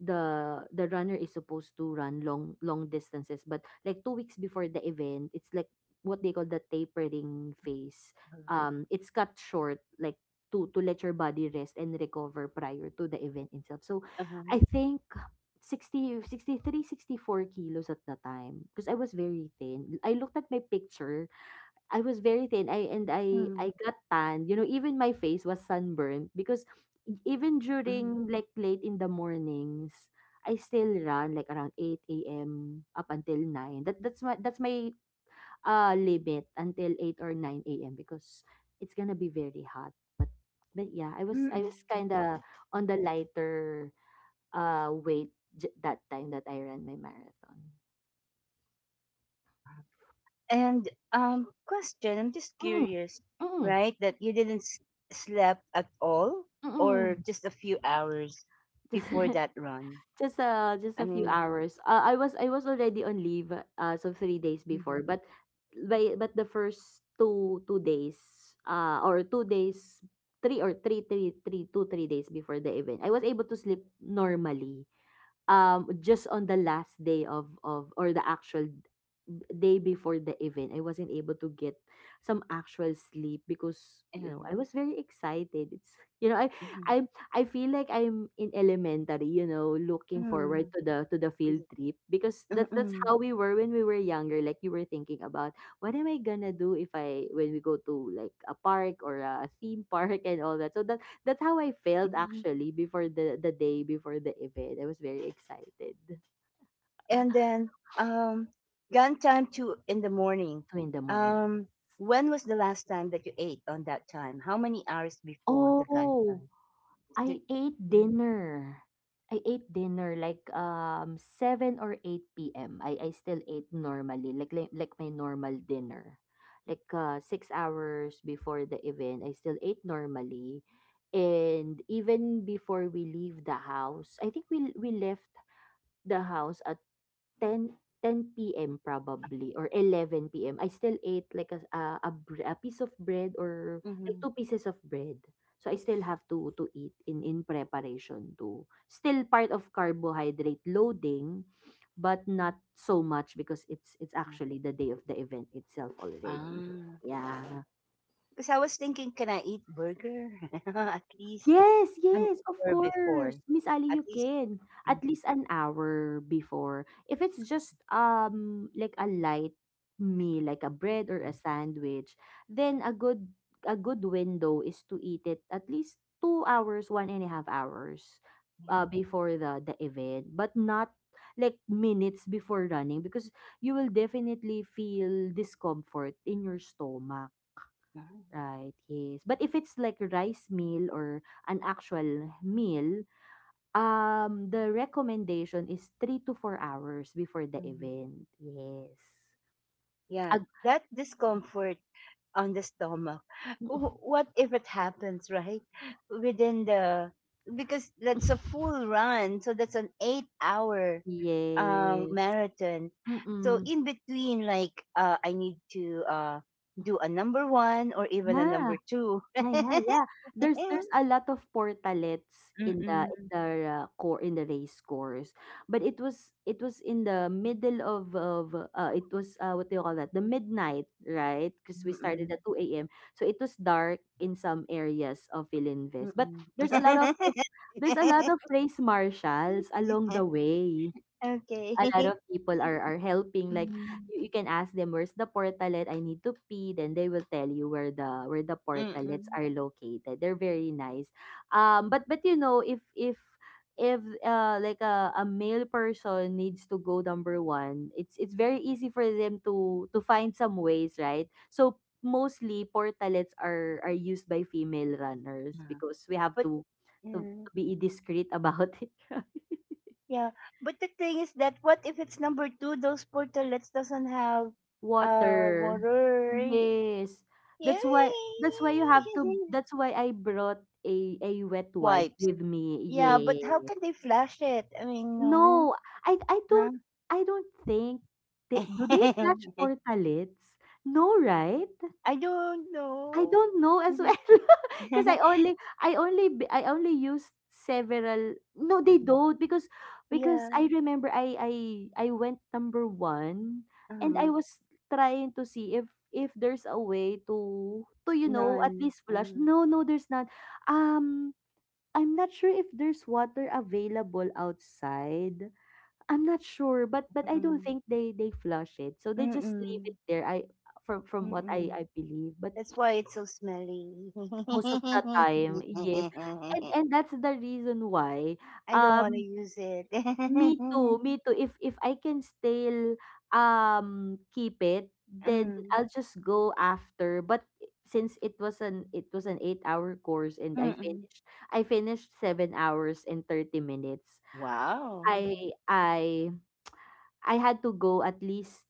S2: the the runner is supposed to run long long distances. But like, two weeks before the event, it's like what they call the
S1: uh-huh,
S2: tapering phase. Um it's cut short, like, to to let your body rest and recover prior to the event
S1: uh-huh,
S2: itself. So I think sixty sixty three sixty four kilos at the time because I was very thin. I looked at my picture. I was very thin. I and
S1: mhm,
S2: I I got tanned. You know, even my face was sunburned because e- even
S1: mhm,
S2: during like late in the mornings, I still run like around eight a m up until nine. That that's my that's my uh limit, until eight or nine a m, because it's gonna be very hot. But but yeah, I was I was
S1: mhm.
S2: kind of on the lighter uh weight, j- that time that I ran my marathon.
S1: And um, question, I'm just
S2: Mm,
S1: curious,
S2: mm,
S1: right? That you didn't s- slept at all, or
S2: mm.
S1: just a few hours before
S2: [LAUGHS]
S1: that run.
S2: Just a just a
S1: I
S2: few
S1: mean,
S2: hours. Uh, I was I was already on leave, uh so three days before, but
S1: mhm,
S2: by but the first two two days, uh or two days, three or three three three two three days before the event, I was able to sleep normally. Um just on the last day of of or the actual day before the event, I wasn't able to get some actual sleep because, you
S1: yeah,
S2: know, I was very excited. It's you know i i
S1: mhm,
S2: i feel like I'm in elementary, you know looking forward to
S1: mhm,
S2: the to the field
S1: is it-
S2: trip because
S1: uh,
S2: that's that's
S1: mm,
S2: how we were when we were younger. Like, you were thinking about what am I gonna do if I when we go to like a park or a theme park and all that. So that. That's how I felt,
S1: mhm.
S2: actually, before the the day before the event. I was very excited.
S1: And then um, gun time to in the morning.
S2: Two in the morning.
S1: Um, when was the last time that you ate on that time? How many hours before the gun?
S2: Oh,
S1: The
S2: I ate
S1: mm,
S2: dinner. I ate dinner like, um seven or eight p m I I still ate normally, like like, like my normal dinner. Like uh, six hours before the event, I still ate normally. And even before we leave the house, I think we we left the house ten 10 PM probably, or eleven p m. I still ate like a a a bre a piece of bread, or like
S1: mhm.
S2: two pieces of bread. So I still have to to eat in in preparation to, still part of carbohydrate loading, but not so much because it's it's actually the day of the event itself already.
S1: Ah,
S2: Yeah.
S1: because I was thinking, can I eat burger [LAUGHS] at least
S2: Yes,
S1: an
S2: yes, of
S1: hour
S2: course.
S1: before?
S2: Miss Ali,
S1: At
S2: you
S1: least,
S2: can. At
S1: mhm,
S2: least an hour before. If it's just um like a light meal, like a bread or a
S1: mhm.
S2: sandwich, then a good a good window is to eat it at least two hours, one and a half hours
S1: Yeah,
S2: uh before the the event, but not like minutes before running, because you will definitely feel discomfort in your stomach.
S1: ah,
S2: Right, yes. But if it's like rice meal or an actual meal, um, the recommendation is three to four hours before the
S1: mhm.
S2: event. Yes.
S1: Yeah,
S2: Ag-
S1: that discomfort on the stomach. [LAUGHS] Wh- What if it happens right within the, because that's a full
S2: [LAUGHS]
S1: run, so that's an eight hour um
S2: yes.
S1: marathon, so
S2: Mm-mm.
S1: in between like uh I need to uh do a number one or even a
S2: Yeah.
S1: number two.
S2: Yeah, yeah,
S1: [LAUGHS]
S2: yeah. There's there's a lot of portalets in the in
S1: Mm-mm.
S2: the uh, core in the race course, but it was it was in the middle of of uh, it was uh, what do you call that? The midnight, right? Because we started
S1: Mm-mm.
S2: at two a m. So it was dark in some areas of Ilinves, but
S1: Mm-mm.
S2: there's a lot of of-
S1: [LAUGHS]
S2: there's a lot of race marshals along the way,
S1: Okay.
S2: a lot of
S1: [LAUGHS]
S2: people are are helping. Like,
S1: Mm.
S2: you, you can ask them, where's the portalet, I need to pee, then they will tell you where the where the portalets
S1: Mm-mm.
S2: are located. They're very nice. Um but but you know, if if if uh like a, a male person needs to go number one, it's it's very easy for them to to find some ways, right? So mostly portalets are are used by female runners,
S1: Yeah.
S2: because we have
S1: But
S2: to to,
S1: mm,
S2: to be discreet about it. [LAUGHS]
S1: yeah, but the thing is that what if it's number two, those portalets doesn't have uh
S2: Water.
S1: water,
S2: Yes. That's why
S1: yay.
S2: that's why you have to
S1: [LAUGHS]
S2: that's why I brought a a wet wipe
S1: Wipes.
S2: with me.
S1: Yeah, but how
S2: Yeah.
S1: can they flash it? I mean,
S2: No,
S1: no.
S2: I I
S1: Huh?
S2: don't I don't think they— do they flash
S1: [LAUGHS]
S2: portalets? No, right?
S1: I don't
S2: I
S1: know.
S2: don't know as well, [LAUGHS] because I only I only b I only used several. No, they don't, because
S1: [LAUGHS]
S2: because
S1: Yeah.
S2: I remember I I I went number one, and I
S1: Uh,
S2: was trying to see if if there's a way to to, you know, at
S1: none.
S2: least flush.
S1: Uh,
S2: No, no, there's not. Um, I'm not sure if there's water available outside. I'm not sure, but but I don't
S1: mm-mm.
S2: think they they flush it. So they just leave
S1: Mm-mm.
S2: it there, I from from what I
S1: Mm-mm.
S2: I believe. But
S1: That's why it's so smelly.
S2: most of the time, yes. And
S1: [LAUGHS]
S2: and that's the reason why
S1: I don't want to
S2: um
S1: use it.
S2: me
S1: [LAUGHS]
S2: too, me too. If if I can still um keep it, then
S1: Mm,
S2: I'll just go after. But since it was an it was an eight hour course and I
S1: mm-mm.
S2: finished I finished seven hours and thirty minutes.
S1: Wow.
S2: I I I had to go at least,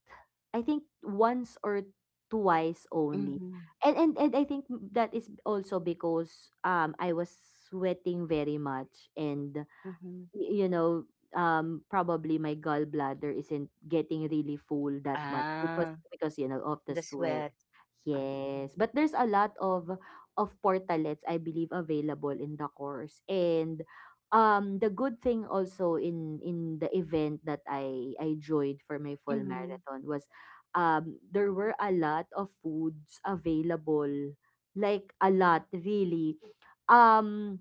S2: I think, once or twice only.
S1: Mm-hmm.
S2: And and and I think that is also because um I was sweating very much, and
S1: Mm-hmm.
S2: y- you know, um probably my gallbladder isn't getting really full that much, because
S1: Ah,
S2: because you know, of the
S1: the
S2: sweat.
S1: sweat. I see.
S2: Yes, but there's a lot of of portalets, I believe, available in the course. And um the good thing also in in the event that I I joined for my full
S1: Mm-hmm.
S2: marathon was um there were a lot of foods available. Like, a lot, really. Um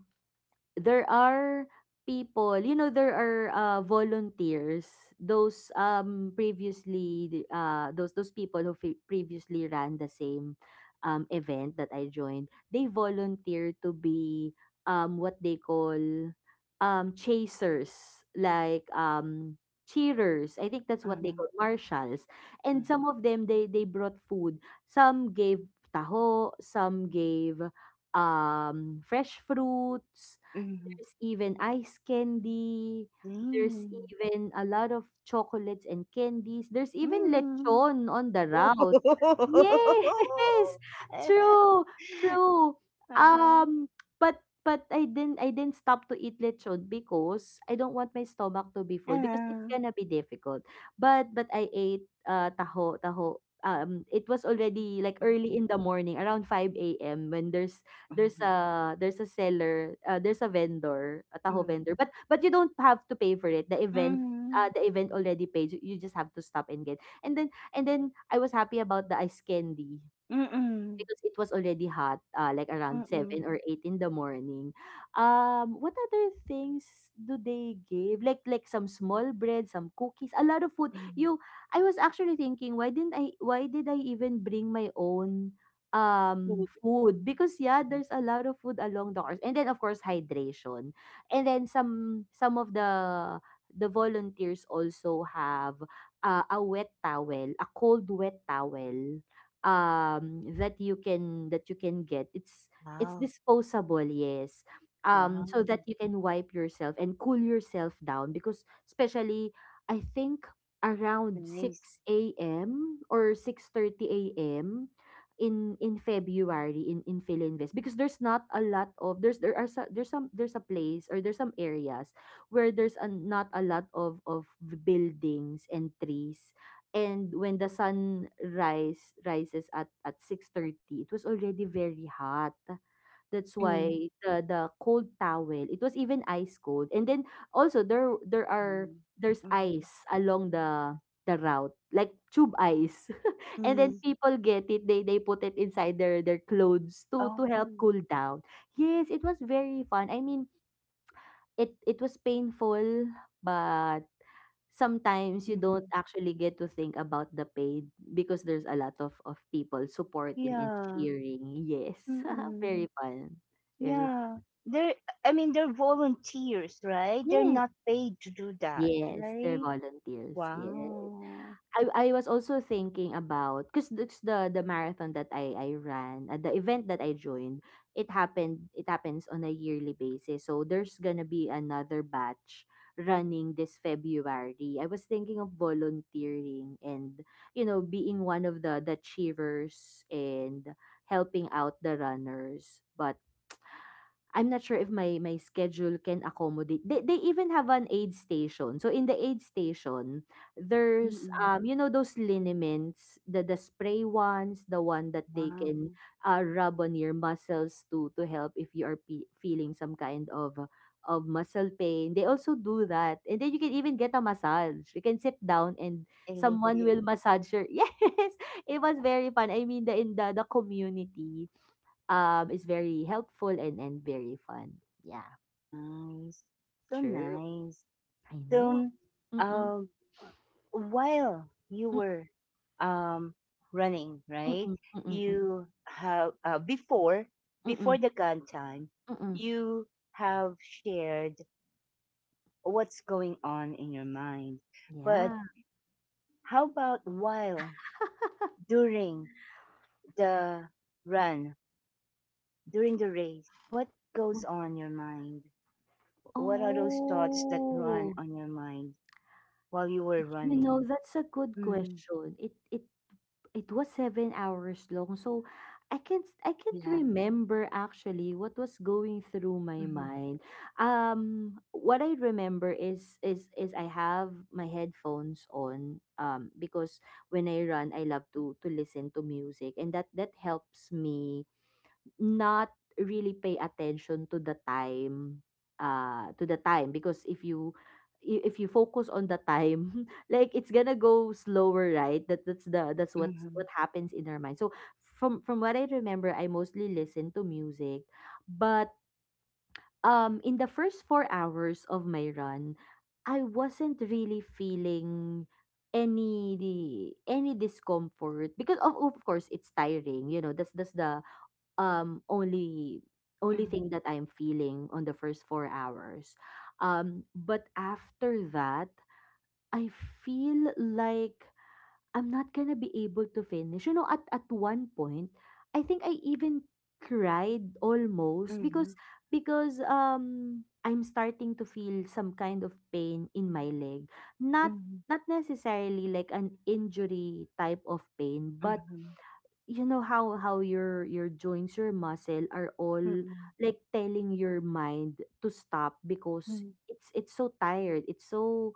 S2: there are People, you know, there are uh, volunteers, those um previously uh those those people who fe- previously ran the same um event that I joined. They volunteer to be um what they call um chasers, like um cheerers. I think that's what they
S1: Mm-hmm.
S2: call marshals. And
S1: Mm-hmm.
S2: some of them, they they brought food. Some gave taho, some gave um fresh fruits,
S1: 嗯
S2: there's even ice candy. There's
S1: 嗯
S2: even a lot of chocolates and candies. There's even
S1: 嗯，
S2: lechon on the
S1: 哦呵
S2: route.
S1: 呵呵呵呵
S2: Yes, [LAUGHS]
S1: 呵，[LAUGHS] 嘿嘿，
S2: true, true.
S1: 啊
S2: Um, but but I didn't I didn't stop to eat lechon because I don't want my stomach to be
S1: 啊，
S2: full, because it's gonna be difficult. But but I ate uh taho taho. Um, it was already like early in the morning, around five a m, when there's
S1: 嗯
S2: there's
S1: 哼
S2: a there's a seller, uh, there's a vendor, a taho
S1: 嗯
S2: vendor. But but you don't have to pay for it. The event—
S1: 嗯
S2: Uh,
S1: 嗯
S2: the event already paid. You you just have to stop and get. And then And then I was happy about the ice candy,
S1: 嗯嗯
S2: because it was already hot, uh, like around
S1: 嗯嗯
S2: seven or eight in the morning. Um, what other things do they give? Like like some small bread, some cookies, a lot of food.
S1: 嗯
S2: You— I was actually thinking, why didn't I why did I even bring my own um food? Because yeah,
S1: 嗯，
S2: there's a lot of food along the course. And then of course, hydration. And then some some of the the volunteers also have uh, a wet towel, a cold wet towel um that you can that you can get. it's
S1: 哇，
S2: it's disposable, yes,
S1: 哇哦
S2: um so that you can wipe yourself and cool yourself down, because especially I think around
S1: ，nice，
S2: six a.m or six thirty a m in in February in in Philinvest, because there's not a lot of there's there are so, there's some there's a place, or there's some areas where there's a, not a lot of of buildings and trees, and when the sun rise rises at at six thirty, it was already very hot.
S1: 嗯
S2: That's
S1: 嗯
S2: why the the cold towel, it was even ice cold. And then also there there are
S1: 嗯
S2: there's
S1: 嗯嗯
S2: ice along the the route, like tube ice. [LAUGHS] And then
S1: 嗯，
S2: people get it, they they put it inside their their clothes to
S1: 哦
S2: to help cool down. Yes, it was very fun. I mean, it it was painful, but sometimes you
S1: 嗯
S2: don't
S1: 嗯，
S2: actually get to think about the paid, because there's a lot of of people supporting and
S1: 呀，
S2: cheering. Yes,
S1: 嗯
S2: [LAUGHS]
S1: 嗯。
S2: very fun. Very—
S1: Yeah. They're, I mean, they're volunteers, right? They're
S2: yes,
S1: not paid to do that,
S2: yes, they're
S1: right?
S2: volunteers, yes.
S1: Wow.
S2: I I was also thinking about, because the the marathon that I I ran, at the event that I joined, it happened— it happens on a yearly basis. So there's gonna be another batch running this February. I was thinking of volunteering, and you know, being one of the the cheerers, and helping out the runners. But I'm not sure if my my schedule can accommodate. They they even have an aid station. So in the aid station, there's
S1: Mm-mm.
S2: um you know, those liniments, the the spray ones, the one that they
S1: Wow.
S2: can uh, rub on your muscles to to help if you are pe feeling some kind of uh, of muscle pain. They also do that. And then you can even get a massage. You can sit down, and
S1: [LAUGHS]
S2: someone will
S1: Nice.
S2: massage your— [LAUGHS] Yes. It was very fun. I mean, the— in the the community, um, it's very helpful, and, and very fun. Yeah,
S1: So
S2: true.
S1: nice.
S2: I know.
S1: So,
S2: Mm-mm,
S1: um, while you
S2: mm-mm,
S1: were um, running, right?
S2: mm-mm, mm-mm,
S1: You have, uh, before, before
S2: mm-mm,
S1: the gun time,
S2: mm-mm.
S1: you have shared what's going on in your mind. But
S2: Yeah.
S1: how about while during the run, during the race? What
S2: Wh-
S1: goes on your mind? What are those thoughts that run
S2: Oh,
S1: on your mind while you were
S2: you know,
S1: running?
S2: that's a good
S1: Mm,
S2: question. It it It was seven hours long, so I can't I can't
S1: yeah.
S2: remember actually what was going through my
S1: Mm-hmm.
S2: mind. Um, what I remember is is is I have my headphones on, um because when I run, I love to to listen to music, and that that helps me not really pay attention to the time, uh, to the time because if you i- if you focus on the time, [LAUGHS] like, it's gonna go slower, right? That that's the that's what's
S1: Mm-hmm.
S2: what happens in our mind. So from from what I remember, I mostly listen to music, but um in the first four hours of my run, I wasn't really feeling any any discomfort, because of of course, it's tiring, you know. That's that's the um only only thing that I'm feeling on the first four hours. Um but after that, I feel like I'm not going to be able to finish. You know, at at one point, I think I even cried, almost,
S1: Mm-hmm.
S2: because because um I'm starting to feel some kind of pain in my leg. Not
S1: Mm-hmm.
S2: not necessarily like an injury type of pain, but
S1: Mm-hmm.
S2: you know how how your your joints, your muscle are all
S1: Mm-hmm.
S2: like telling your mind to stop, because
S1: Mm-hmm.
S2: it's it's so tired, it's so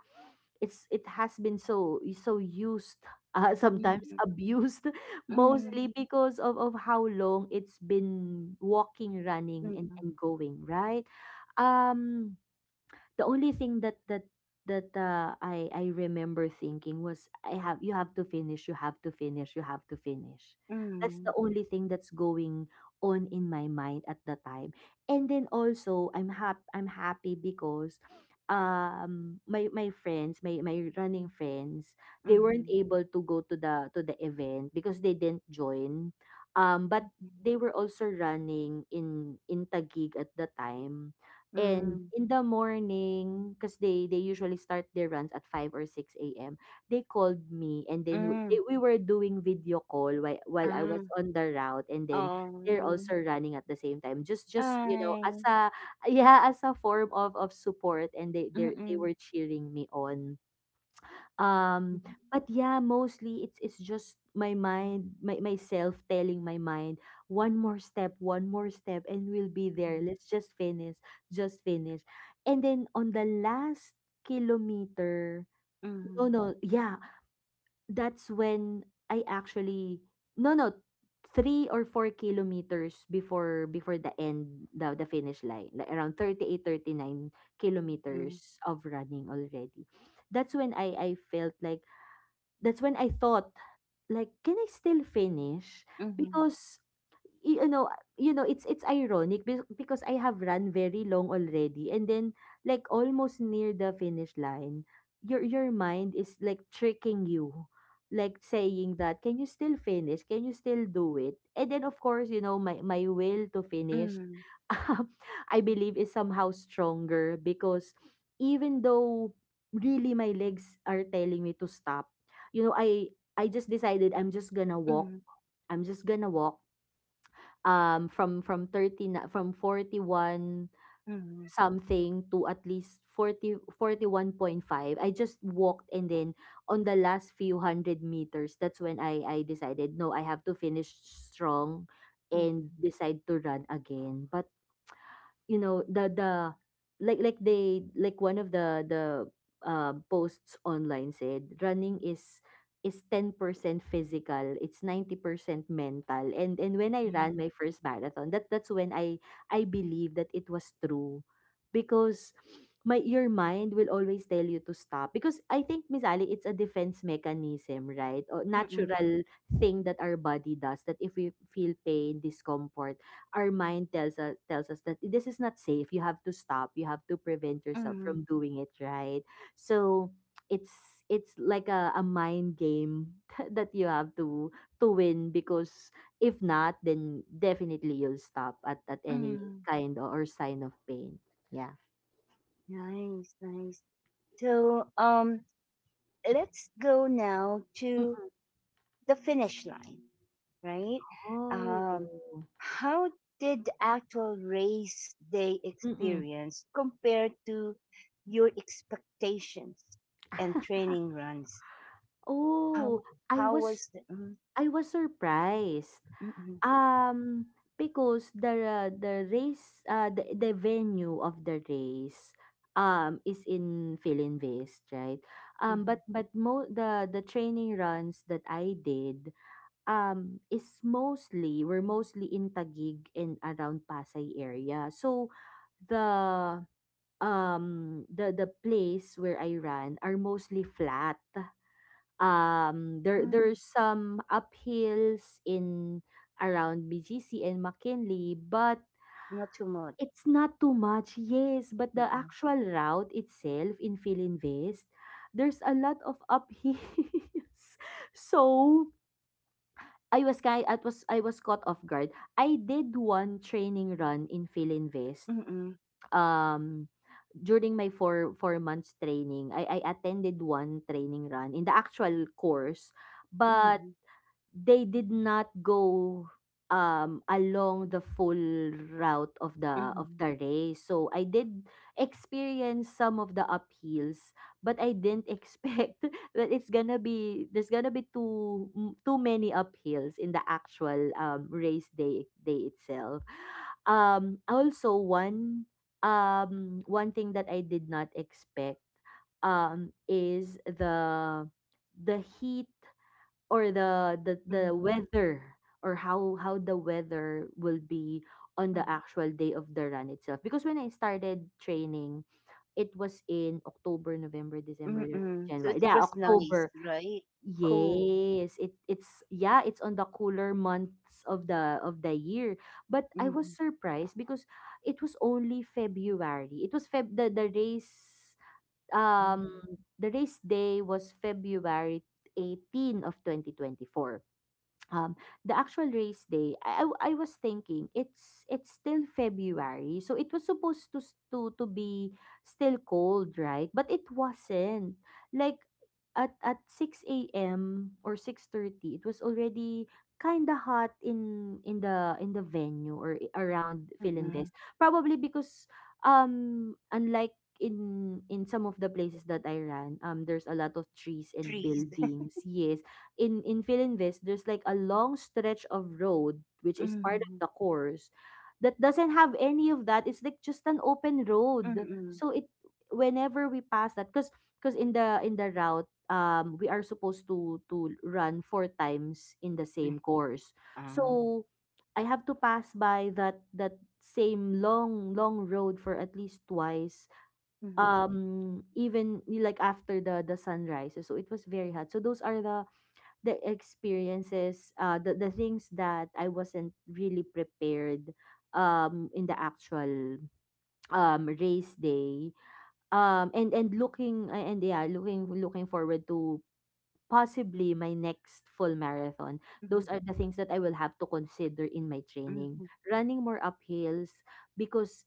S2: it's it has been so so used, uh, [LAUGHS]
S1: Mm-hmm.
S2: sometimes
S1: Mm-hmm.
S2: abused, [LAUGHS]
S1: Mm-hmm.
S2: mostly because of of how long it's been walking, running, and and going, right? Um the only thing that that that uh, I I remember thinking was, I have— you have to finish, you have to finish, you have to finish. That's the only thing that's going on in my mind at the time. And then also I'm hap- I'm happy because um my my friends, my my running friends, they
S1: Mm-hmm.
S2: weren't able to go to the to the event because they didn't join. Um but they were also running in in Taguig at the time and
S1: Mm,
S2: in the morning, because they they usually start their runs at five or six a m. They called me and then w-
S1: mm,
S2: they, we were doing video call while, while I was
S1: ah,
S2: on the route and then they're
S1: oh,
S2: also running at the same time. Just
S1: I,
S2: just, you know, as
S1: mm,
S2: a yeah, as a form of of support and they they they were
S1: mm,
S2: cheering me on. Um, but yeah, mostly it's it's just my mind, my myself telling my mind, one more step, one more step, and we'll be there.
S1: mm,
S2: Let's just finish, just finish. And then on the last kilometer, no,
S1: mm,
S2: no, yeah, that's when I actually no, no, three or four kilometers before before the end, the the finish line, like around thirty eight, thirty nine
S1: mhm,
S2: kilometers of running already. That's when I I felt like that's when I thought like, can I still finish?
S1: mhm,
S2: Because y- you know, you know, it's it's ironic be- because I have run very long already, and then like almost near the finish line, your your mind is like tricking you, like saying that, can you still finish? Can you still do it? And then of course, you know, my my will to finish,
S1: mhm,
S2: [LAUGHS] I believe is somehow stronger because even though really my legs are telling me to stop, you know, I I just decided I'm just gonna walk.
S1: mhm,
S2: I'm just gonna walk um from from thirty na from forty one
S1: mhm,
S2: something to at least forty forty one point five. I just walked and then on the last few hundred meters, that's when I I decided, no, I have to finish strong and
S1: mhm,
S2: decide to run again. But you know the the like like they like one of the the uh, posts online said running is is ten percent physical, it's ninety percent mental. and and when I ran my
S1: mhm,
S2: first marathon, that that's when I I believe that it was true because my your mind will always tell you to stop because I think, Miss Ali, it's a defense mechanism, right? Or
S1: mhm,
S2: natural thing that our body does, that if we feel pain, discomfort, our mind tells us tells us that this is not safe. You have to stop. You have to prevent yourself from
S1: mhm,
S2: doing it, right? So it's it's like a, a mind game [LAUGHS] that you have to to win because if not, then definitely you'll stop at, at any
S1: mhm.
S2: kind o- or sign of pain. Yeah.
S1: Nice, nice. So, um, let's go now to
S2: Mm.
S1: the finish line, right? Um,
S2: Oh.
S1: how did the actual race day
S2: Mm-mm.
S1: experience compare to your expectations and
S2: [LAUGHS]
S1: training runs?
S2: Oh,
S1: How
S2: I
S1: how
S2: was
S1: was the? Mm,
S2: I was surprised.
S1: mm, mm,
S2: Um, because the the race, uh, the the venue of the race, um, is in Philinvest, right? Um,
S1: mm.
S2: but but mo the the training runs that I did, um, is mostly were mostly in Taguig and around Pasay area. So, the um the the place where I ran are mostly flat. Um there
S1: Ah,
S2: there's some uphills in around B G C and McKinley, but
S1: not too much.
S2: it's not too much, yes, but the actual route itself in Philinvest, there's a lot of uphills, [LAUGHS] so I was kind I was I was caught off guard. I did one training run in Philinvest.
S1: Mm,
S2: um During my four four months training, I I attended one training run in the actual course, but
S1: mhm,
S2: they did not go um along the full route of the of
S1: mhm,
S2: the race. So I did experience some of the uphills, but I didn't expect [LAUGHS] that it's gonna be there's gonna be too m- too many uphills in the actual um race day day itself. Um also one um one thing that I did not expect um is the the heat or the the the
S1: mhm,
S2: weather or how how the weather will be on the actual day of the run itself, because when I started training, it was in October, November,
S1: mm,
S2: December,
S1: mm. So it
S2: January, yeah,
S1: was nice,
S2: October,
S1: right? Cool.
S2: yes, it it's, yeah, it's on the cooler months of the of the year. But I
S1: Mhm,
S2: was surprised because it was only February. It was Feb the, the race, um
S1: mhm,
S2: the race day was February eighteenth of twenty twenty-four. um the actual race day, I, I w- I was thinking, it's it's still February, so it was supposed to s- to to be still cold, right? But it wasn't, like, at at six a m or six thirty, it was already kind of hot in in the in the venue, or i- around
S1: mm.
S2: Philinvest. Probably because um unlike in in some of the places that I ran, um there's a lot of trees and
S1: Trees. [LAUGHS]
S2: buildings, yes. in in Philinvest, there's like a long stretch of road which is part of
S1: Mhm,
S2: the course that doesn't have any of that. It's like just an open road.
S1: mm,
S2: So it whenever we pass that, because because in the in the route, um, we are supposed to to run four times in the
S1: mm.
S2: same course.
S1: Ah.
S2: So I have to pass by that that same long long road for at least twice.
S1: Mhm,
S2: Um even like after the the sunrise. So it was very hot. So those are the the experiences, uh, the, the things that I wasn't really prepared um, in the actual um, race day. Um, and, and looking, and yeah, looking, looking forward to possibly my next full marathon.
S1: mhm,
S2: Those are the things that I will have to consider in my training.
S1: mhm,
S2: Running more uphills because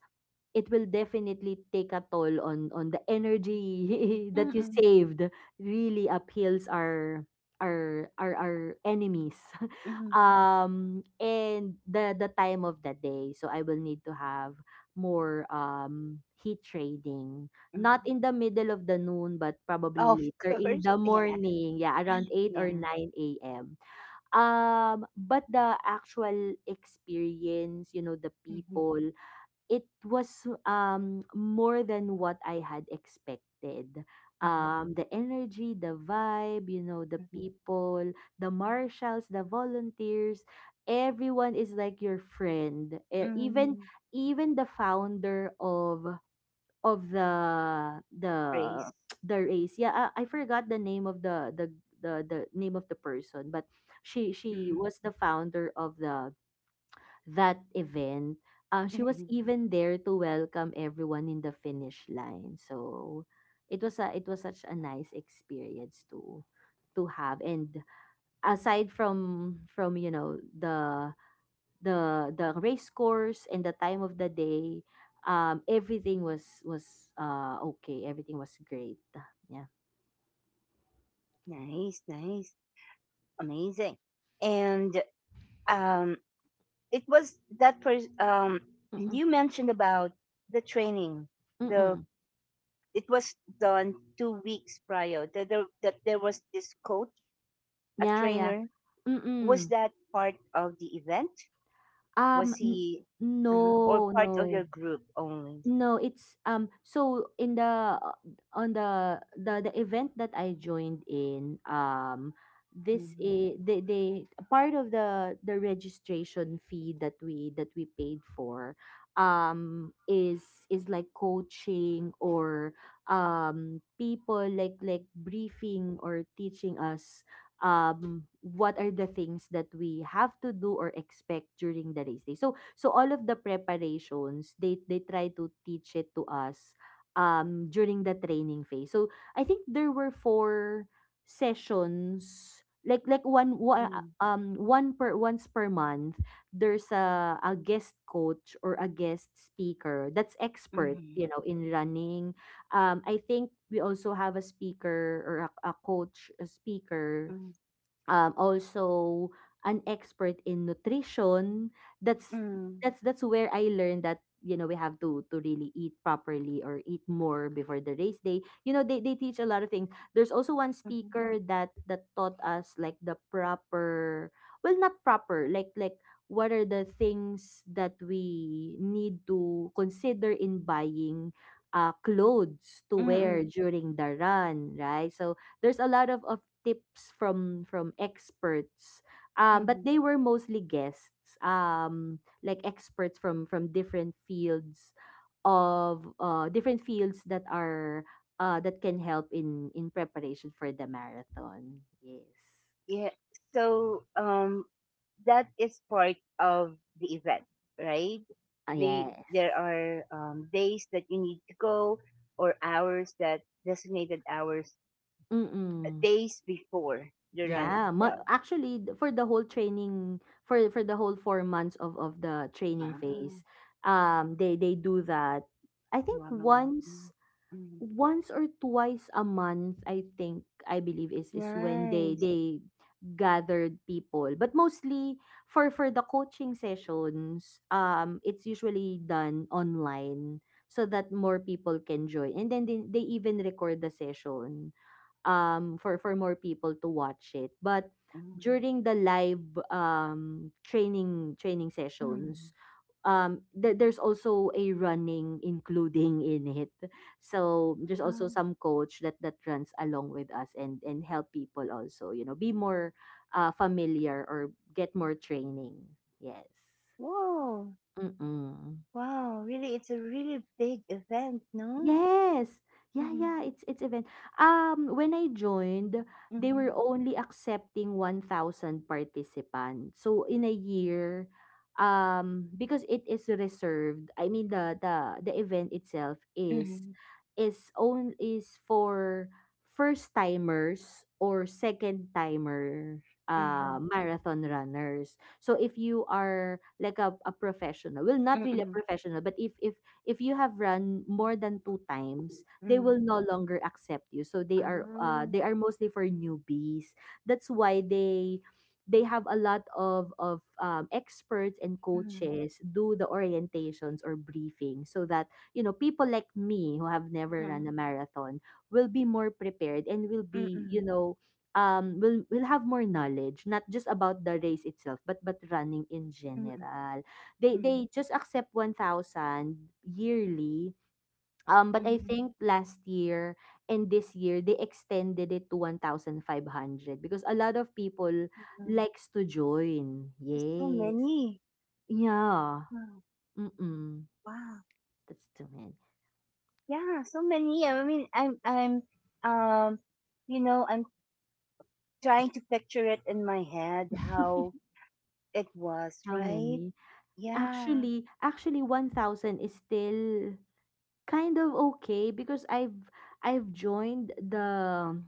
S2: it will definitely take a toll on on the energy [LAUGHS] that you
S1: mm,
S2: saved, really appeals our our our, our enemies. [LAUGHS]
S1: mhm,
S2: Um and the the time of the day. So I will need to have more um heat trading, not
S1: mm.
S2: in the middle of the noon, but probably
S1: Of
S2: later in
S1: course.
S2: the
S1: [LAUGHS] Yeah.
S2: morning, yeah, around eight
S1: Yeah.
S2: or nine a.m. Um but the actual experience, you know, the
S1: Mhm,
S2: people, it was um more than what I had expected.
S1: mhm,
S2: Um, the energy, the vibe, you know, the
S1: mhm,
S2: people, the marshals, the volunteers, everyone is like your friend. E- Even
S1: mm.
S2: even the founder of of the the
S1: Race.
S2: [TSK] the race. Yeah, I, I forgot the name of the the the the name of the person, but she
S1: Mhm,
S2: she was the founder of the that event. Um, she
S1: mhm.
S2: was even there to welcome everyone in the finish line. So it was a, it was such a nice experience to to have. And aside from from you know, the the the race course and the time of the day, um, everything was was uh okay. Everything was great. Yeah.
S1: Nice, nice. Amazing. And um it was that person, um
S2: Mm-mm.
S1: you mentioned about the training, the
S2: Mm-mm.
S1: it was done two weeks prior, that there, that there was this coach, a
S2: Yeah. Yeah.
S1: trainer. Was
S2: Mm-mm.
S1: that part of the event?
S2: Um.
S1: Was
S2: n-
S1: he, uh or
S2: no.
S1: part of
S2: No.
S1: your group only?
S2: No, it's um so in the uh, on the the the event that I joined in, um this
S1: Mm-hmm.
S2: is they, they part of the the registration fee that we that we paid for um is is like coaching or um people like like briefing or teaching us um what are the things that we have to do or expect during the race day. So so all of the preparations, they they try to teach it to us um during the training phase. So I think there were four sessions, like like one, one
S1: Mm-hmm.
S2: um one per once per month. There's a, a guest coach or a guest speaker that's expert, you know, in running. um I think we also have a speaker or a, a coach, a
S1: Mm-hmm.
S2: speaker, um, also an expert in nutrition. That's
S1: Mm-hmm.
S2: that's that's where I learned that, you know, we have to to really eat properly or eat more before the race day. You know, they, they teach a lot of things. There's also one
S1: Mm-hmm.
S2: speaker that that taught us like the proper, well, not proper, like like what are the things that we need to consider in buying uh, clothes to
S1: Mm-hmm.
S2: wear during the run, right? So there's a lot of, of tips from from experts. Um but
S1: Mm-hmm.
S2: they were mostly guests, um like experts from from different fields of uh different fields that are uh that can help in in preparation for the marathon, yes.
S1: Yeah. So um, that is part of the event, right?
S2: Ah,
S1: The
S2: yes.
S1: there are um, days that you need to go, or hours, that designated hours, uh,
S2: Mm-mm.
S1: days before the run
S2: Yeah, ma-
S1: itself.
S2: actually th- for the whole training, for for the whole four months of of the training phase,
S1: Ah,
S2: um they they do that. I think
S1: wow. Mm,
S2: once.
S1: mm.
S2: Once or twice a month, I think, I believe is is when they
S1: Nice.
S2: they gathered people. But mostly for for the coaching sessions, um it's usually done online so that more people can join. And then they, they even record the session um for for more people to watch it. But
S1: Mm,
S2: during the live um training training sessions,
S1: mm.
S2: um th- there's also a running including in it. So there's
S1: Wow.
S2: also some coach that that runs along with us and and help people also, you know, be more uh familiar or get more training, yes.
S1: Whoa.
S2: Mm.
S1: Wow. Really, it's a really big event, no?
S2: Yes. Yeah,
S1: Mm-hmm.
S2: yeah, it's it's event. Um, when I joined, they were
S1: Mm-hmm.
S2: only accepting one thousand participants. So in a year, um, because it is reserved. I mean the the the event itself is
S1: Mm-hmm.
S2: is own is for first timers or second timer uh marathon runners. So if you are like a, a professional, well not really a
S1: Mm-hmm.
S2: professional, but if if if you have run more than two times, they will
S1: Mm-hmm.
S2: no longer accept you. So they are uh
S1: Ah,
S2: they are mostly for newbies. That's why they they have a lot of of um, experts and
S1: mhm, mhm,
S2: coaches do the orientations or briefing so that you know people like me who have never
S1: mm,
S2: run a marathon will be more prepared and will be you know um will will have more knowledge not just about the race itself but but running in
S1: mm,
S2: general. they
S1: mm, hmm,
S2: they just accept one thousand yearly. Um, but I think last year and this year they extended it to fifteen hundred because a lot of people
S1: mm.
S2: likes to join.
S1: There's so
S2: Yes.
S1: many.
S2: Yeah.
S1: Wow,
S2: Mm-mm.
S1: wow.
S2: That's too many.
S1: Yeah, so many. I mean, I'm, I'm, um, you know, I'm trying to picture it in my head how
S2: [LAUGHS]
S1: it was,
S2: How
S1: right?
S2: many?
S1: Yeah.
S2: Actually, actually one thousand is still kind of okay because I've I've joined the.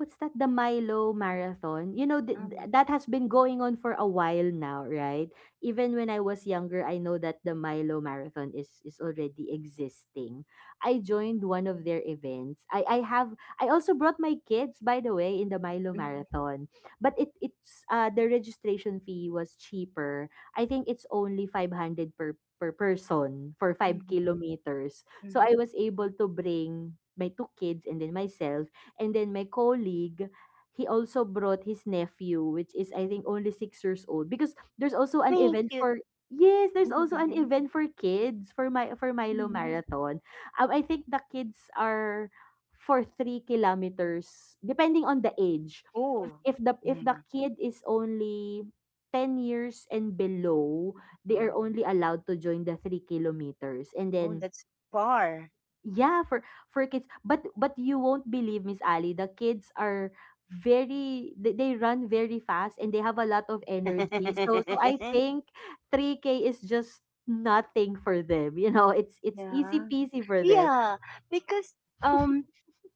S2: What's that? The Milo Marathon? You know, th- th-
S1: Um,
S2: that has been going on for a while now, right? Even when I was younger, I know that the Milo Marathon is is already existing. I joined one of their events. I I have I also brought my kids, by the way, in the Milo
S1: mm,
S2: Marathon. But it it's uh the registration fee was cheaper. I think it's only five hundred per per person for five
S1: mm,
S2: kilometers. So
S1: mm.
S2: I was able to bring my two kids and then myself and then my colleague, he also brought his nephew, which is I think only six years old, because there's also an
S1: Thank
S2: event
S1: you.
S2: for yes, there's also an
S1: Mhm,
S2: event for kids for my for Milo
S1: mhm.
S2: Marathon. Um, I think the kids are for three kilometers, depending on the age.
S1: Oh,
S2: If if the if the
S1: yeah.
S2: kid is only ten years and below, they
S1: uh,
S2: are only allowed to join the three kilometers. And
S1: Oh,
S2: then
S1: that's far.
S2: yeah, for for kids. But but you won't believe, Miss Ali, the kids are very they, they run very fast and they have a lot of energy. So so I
S1: [LAUGHS]
S2: think three K is just nothing for them. You know, it's it's easy
S1: Yeah.
S2: peasy for them.
S1: Yeah, because um,
S2: [LAUGHS]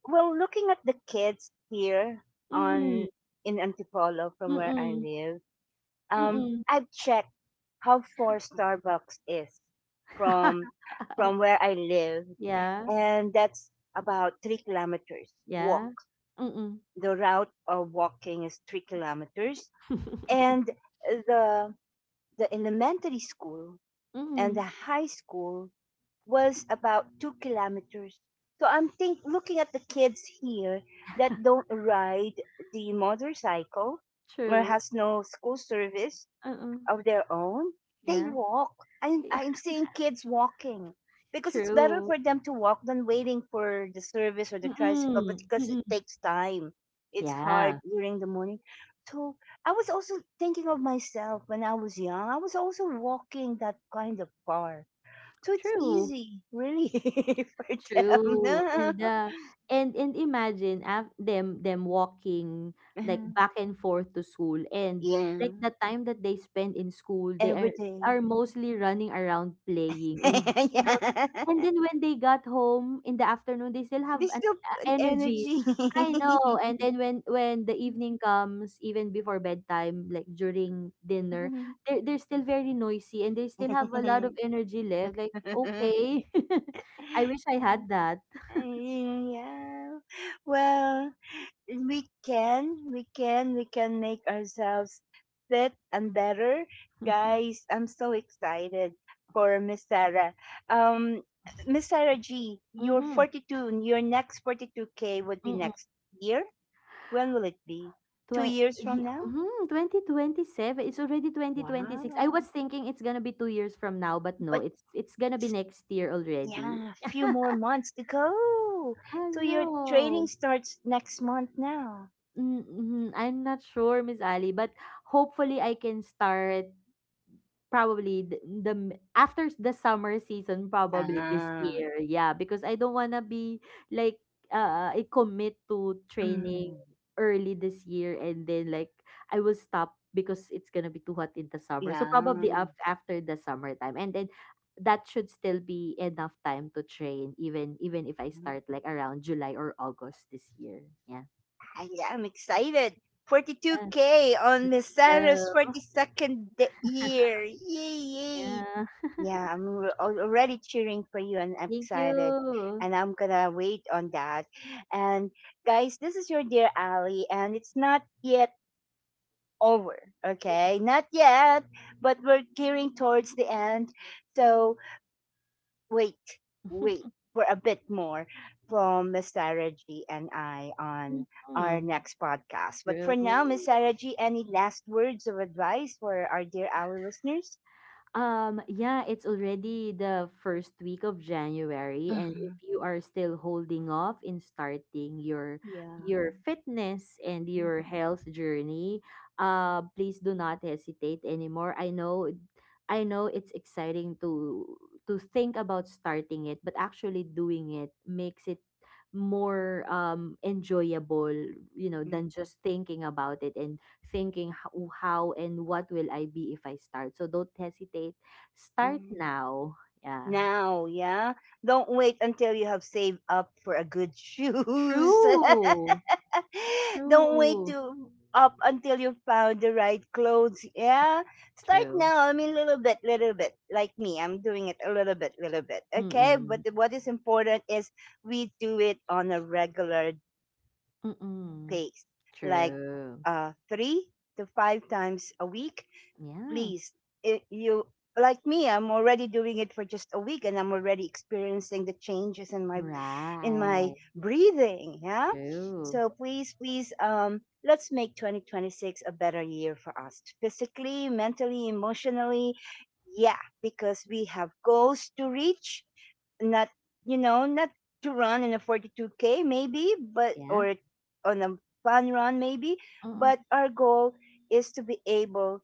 S1: well, looking at the kids here,
S2: Mm,
S1: on in Antipolo, from where I
S2: mm-mm,
S1: live, um,
S2: mm-mm.
S1: I've checked how far Starbucks is from
S2: [LAUGHS]
S1: from where I live,
S2: Yeah,
S1: and that's about three kilometers walk.
S2: yeah. Mm-mm.
S1: The route of walking is three kilometers,
S2: [LAUGHS]
S1: and the the elementary school and the
S2: Mm-mm.
S1: high school was about two kilometers. So I'm think looking at the kids here that don't ride the motorcycle or
S2: True.
S1: has no school service
S2: Uh-uh.
S1: of their own. They
S2: Yeah.
S1: walk. I'm I'm
S2: [LAUGHS]
S1: seeing kids walking because it's better
S2: True.
S1: for them to walk than waiting for the service or the tricycle. But
S2: Mm-mm.
S1: because it
S2: Mm-mm.
S1: takes time, it's hard
S2: Yeah.
S1: during the morning. So I was also thinking of myself when I was young. I was also walking that kind of far, so it's
S2: True.
S1: easy, really, [LAUGHS] for them.
S2: True. And uh and and imagine af- them them walking like back
S1: [LAUGHS]
S2: and forth to school and
S1: Yeah,
S2: like the time that they spend in school they are
S1: every
S2: they
S1: day.
S2: are mostly running around playing, and
S1: [LAUGHS]
S2: you know,
S1: Yeah,
S2: and then when they got home in the afternoon they still have
S1: there's
S2: an
S1: still
S2: uh,
S1: an
S2: energy.
S1: energy.
S2: I know, and then when when the evening comes, even before bedtime, like during dinner they're, they're still very noisy and they still have a lot of energy left, like okay. [LAUGHS] I wish I
S1: [LAUGHS]
S2: had that.
S1: Yeah. Well, we can, we can, we can make ourselves fit and better.
S2: [LAUGHS]
S1: Guys, I'm so excited for Miss Sarah. Um, Miss Sarah G, your
S2: Mhm.
S1: forty-two, your next forty-two K would be
S2: Mm.
S1: next year. When will it be? Two
S2: Twen
S1: years from
S2: ye
S1: now?
S2: mhm, twenty twenty-seven. It's already twenty twenty-six. I was
S1: Wow.
S2: thinking it's gonna be two years from now, but no,
S1: But
S2: it's it's gonna be
S1: just,
S2: next year already.
S1: yeah, a few more
S2: [LAUGHS]
S1: months to go.
S2: Ah,
S1: So your training
S2: no.
S1: starts next month now.
S2: Mm, mhm. I'm not sure, Miss Ali, but hopefully I can start. Probably the, the m- after s- the summer season, probably this
S1: Ah,
S2: year. Yeah, because I don't wanna be like uh I commit to training
S1: mm,
S2: early this year and then like I will stop because it's gonna be too hot in the summer. So
S1: yeah.
S2: probably
S1: Mm-hmm.
S2: af- after the summertime, and then that should still be enough time to train, even even if I start like around July or August this year. Yeah.
S1: I am excited.
S2: Uh,
S1: forty-two K on Misaro's
S2: So
S1: forty-second d- year. Yay, yay.
S2: yeah.
S1: Yeah,
S2: [LAUGHS]
S1: I'm al- already cheering for you, and I'm
S2: Thank
S1: excited.
S2: you.
S1: And I'm gonna wait on that. And guys, this is your dear Ali, and it's not yet over, okay? Not yet, but we're gearing towards the end. So wait, wait
S2: [LAUGHS]
S1: for a bit more from Miss Sarah G and I on our
S2: Mhm.
S1: next podcast. But
S2: True.
S1: for now, Miss Sarah G, any last words of advice for our dear our listeners?
S2: Um, yeah, it's already the first week of January, and if
S1: Mhm.
S2: you are still holding off in starting your
S1: Yeah.
S2: your fitness and your
S1: Mhm.
S2: health journey, uh, please do not hesitate anymore. I know, I know it's exciting to to think about starting it, but actually doing it makes it more um enjoyable, you know,
S1: Mm,
S2: than just thinking about it and thinking how, how and what will I be if I start. So don't hesitate. Start
S1: mm.
S2: now. Yeah.
S1: Now, yeah. Don't wait until you have saved up for a good shoes. [LAUGHS]
S2: True.
S1: [LAUGHS] Don't wait
S2: True.
S1: to up until you found the right clothes. Yeah. Start
S2: True.
S1: now. I mean, little bit, little bit. Like me, I'm doing it a little bit, little bit. Okay. But
S2: Mm-mm.
S1: the- what is important is we do it on a regular
S2: Mm-mm.
S1: pace, like
S2: True.
S1: uh, three to five times a week.
S2: Yeah.
S1: Please, if you, like me, I'm already doing it for just a week, and I'm already experiencing the changes in my in my
S2: Right.
S1: breathing. Yeah.
S2: True.
S1: So please, please, um, let's make twenty twenty-six a better year for us, physically, mentally, emotionally. Yeah, because we have goals to reach. Not you know not to run in a forty-two K maybe, but
S2: Yeah.
S1: or on a fun run maybe.
S2: Mm-mm.
S1: But our goal is to be able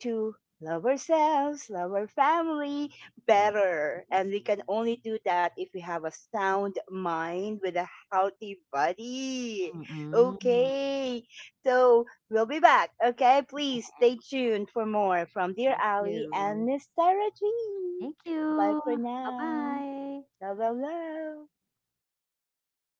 S1: to love ourselves, love our family
S2: Yes.
S1: better, and we can only do that if we have a sound mind with a healthy body.
S2: Mm-mm.
S1: Okay, so we'll be back. Okay, please stay tuned for more from
S2: [LAUGHS]
S1: Dear
S2: Thank
S1: Ali and
S2: you.
S1: Miss Sarah G.
S2: Thank
S1: Bye
S2: you.
S1: for now.
S2: Bye-bye.
S1: Love, love, love.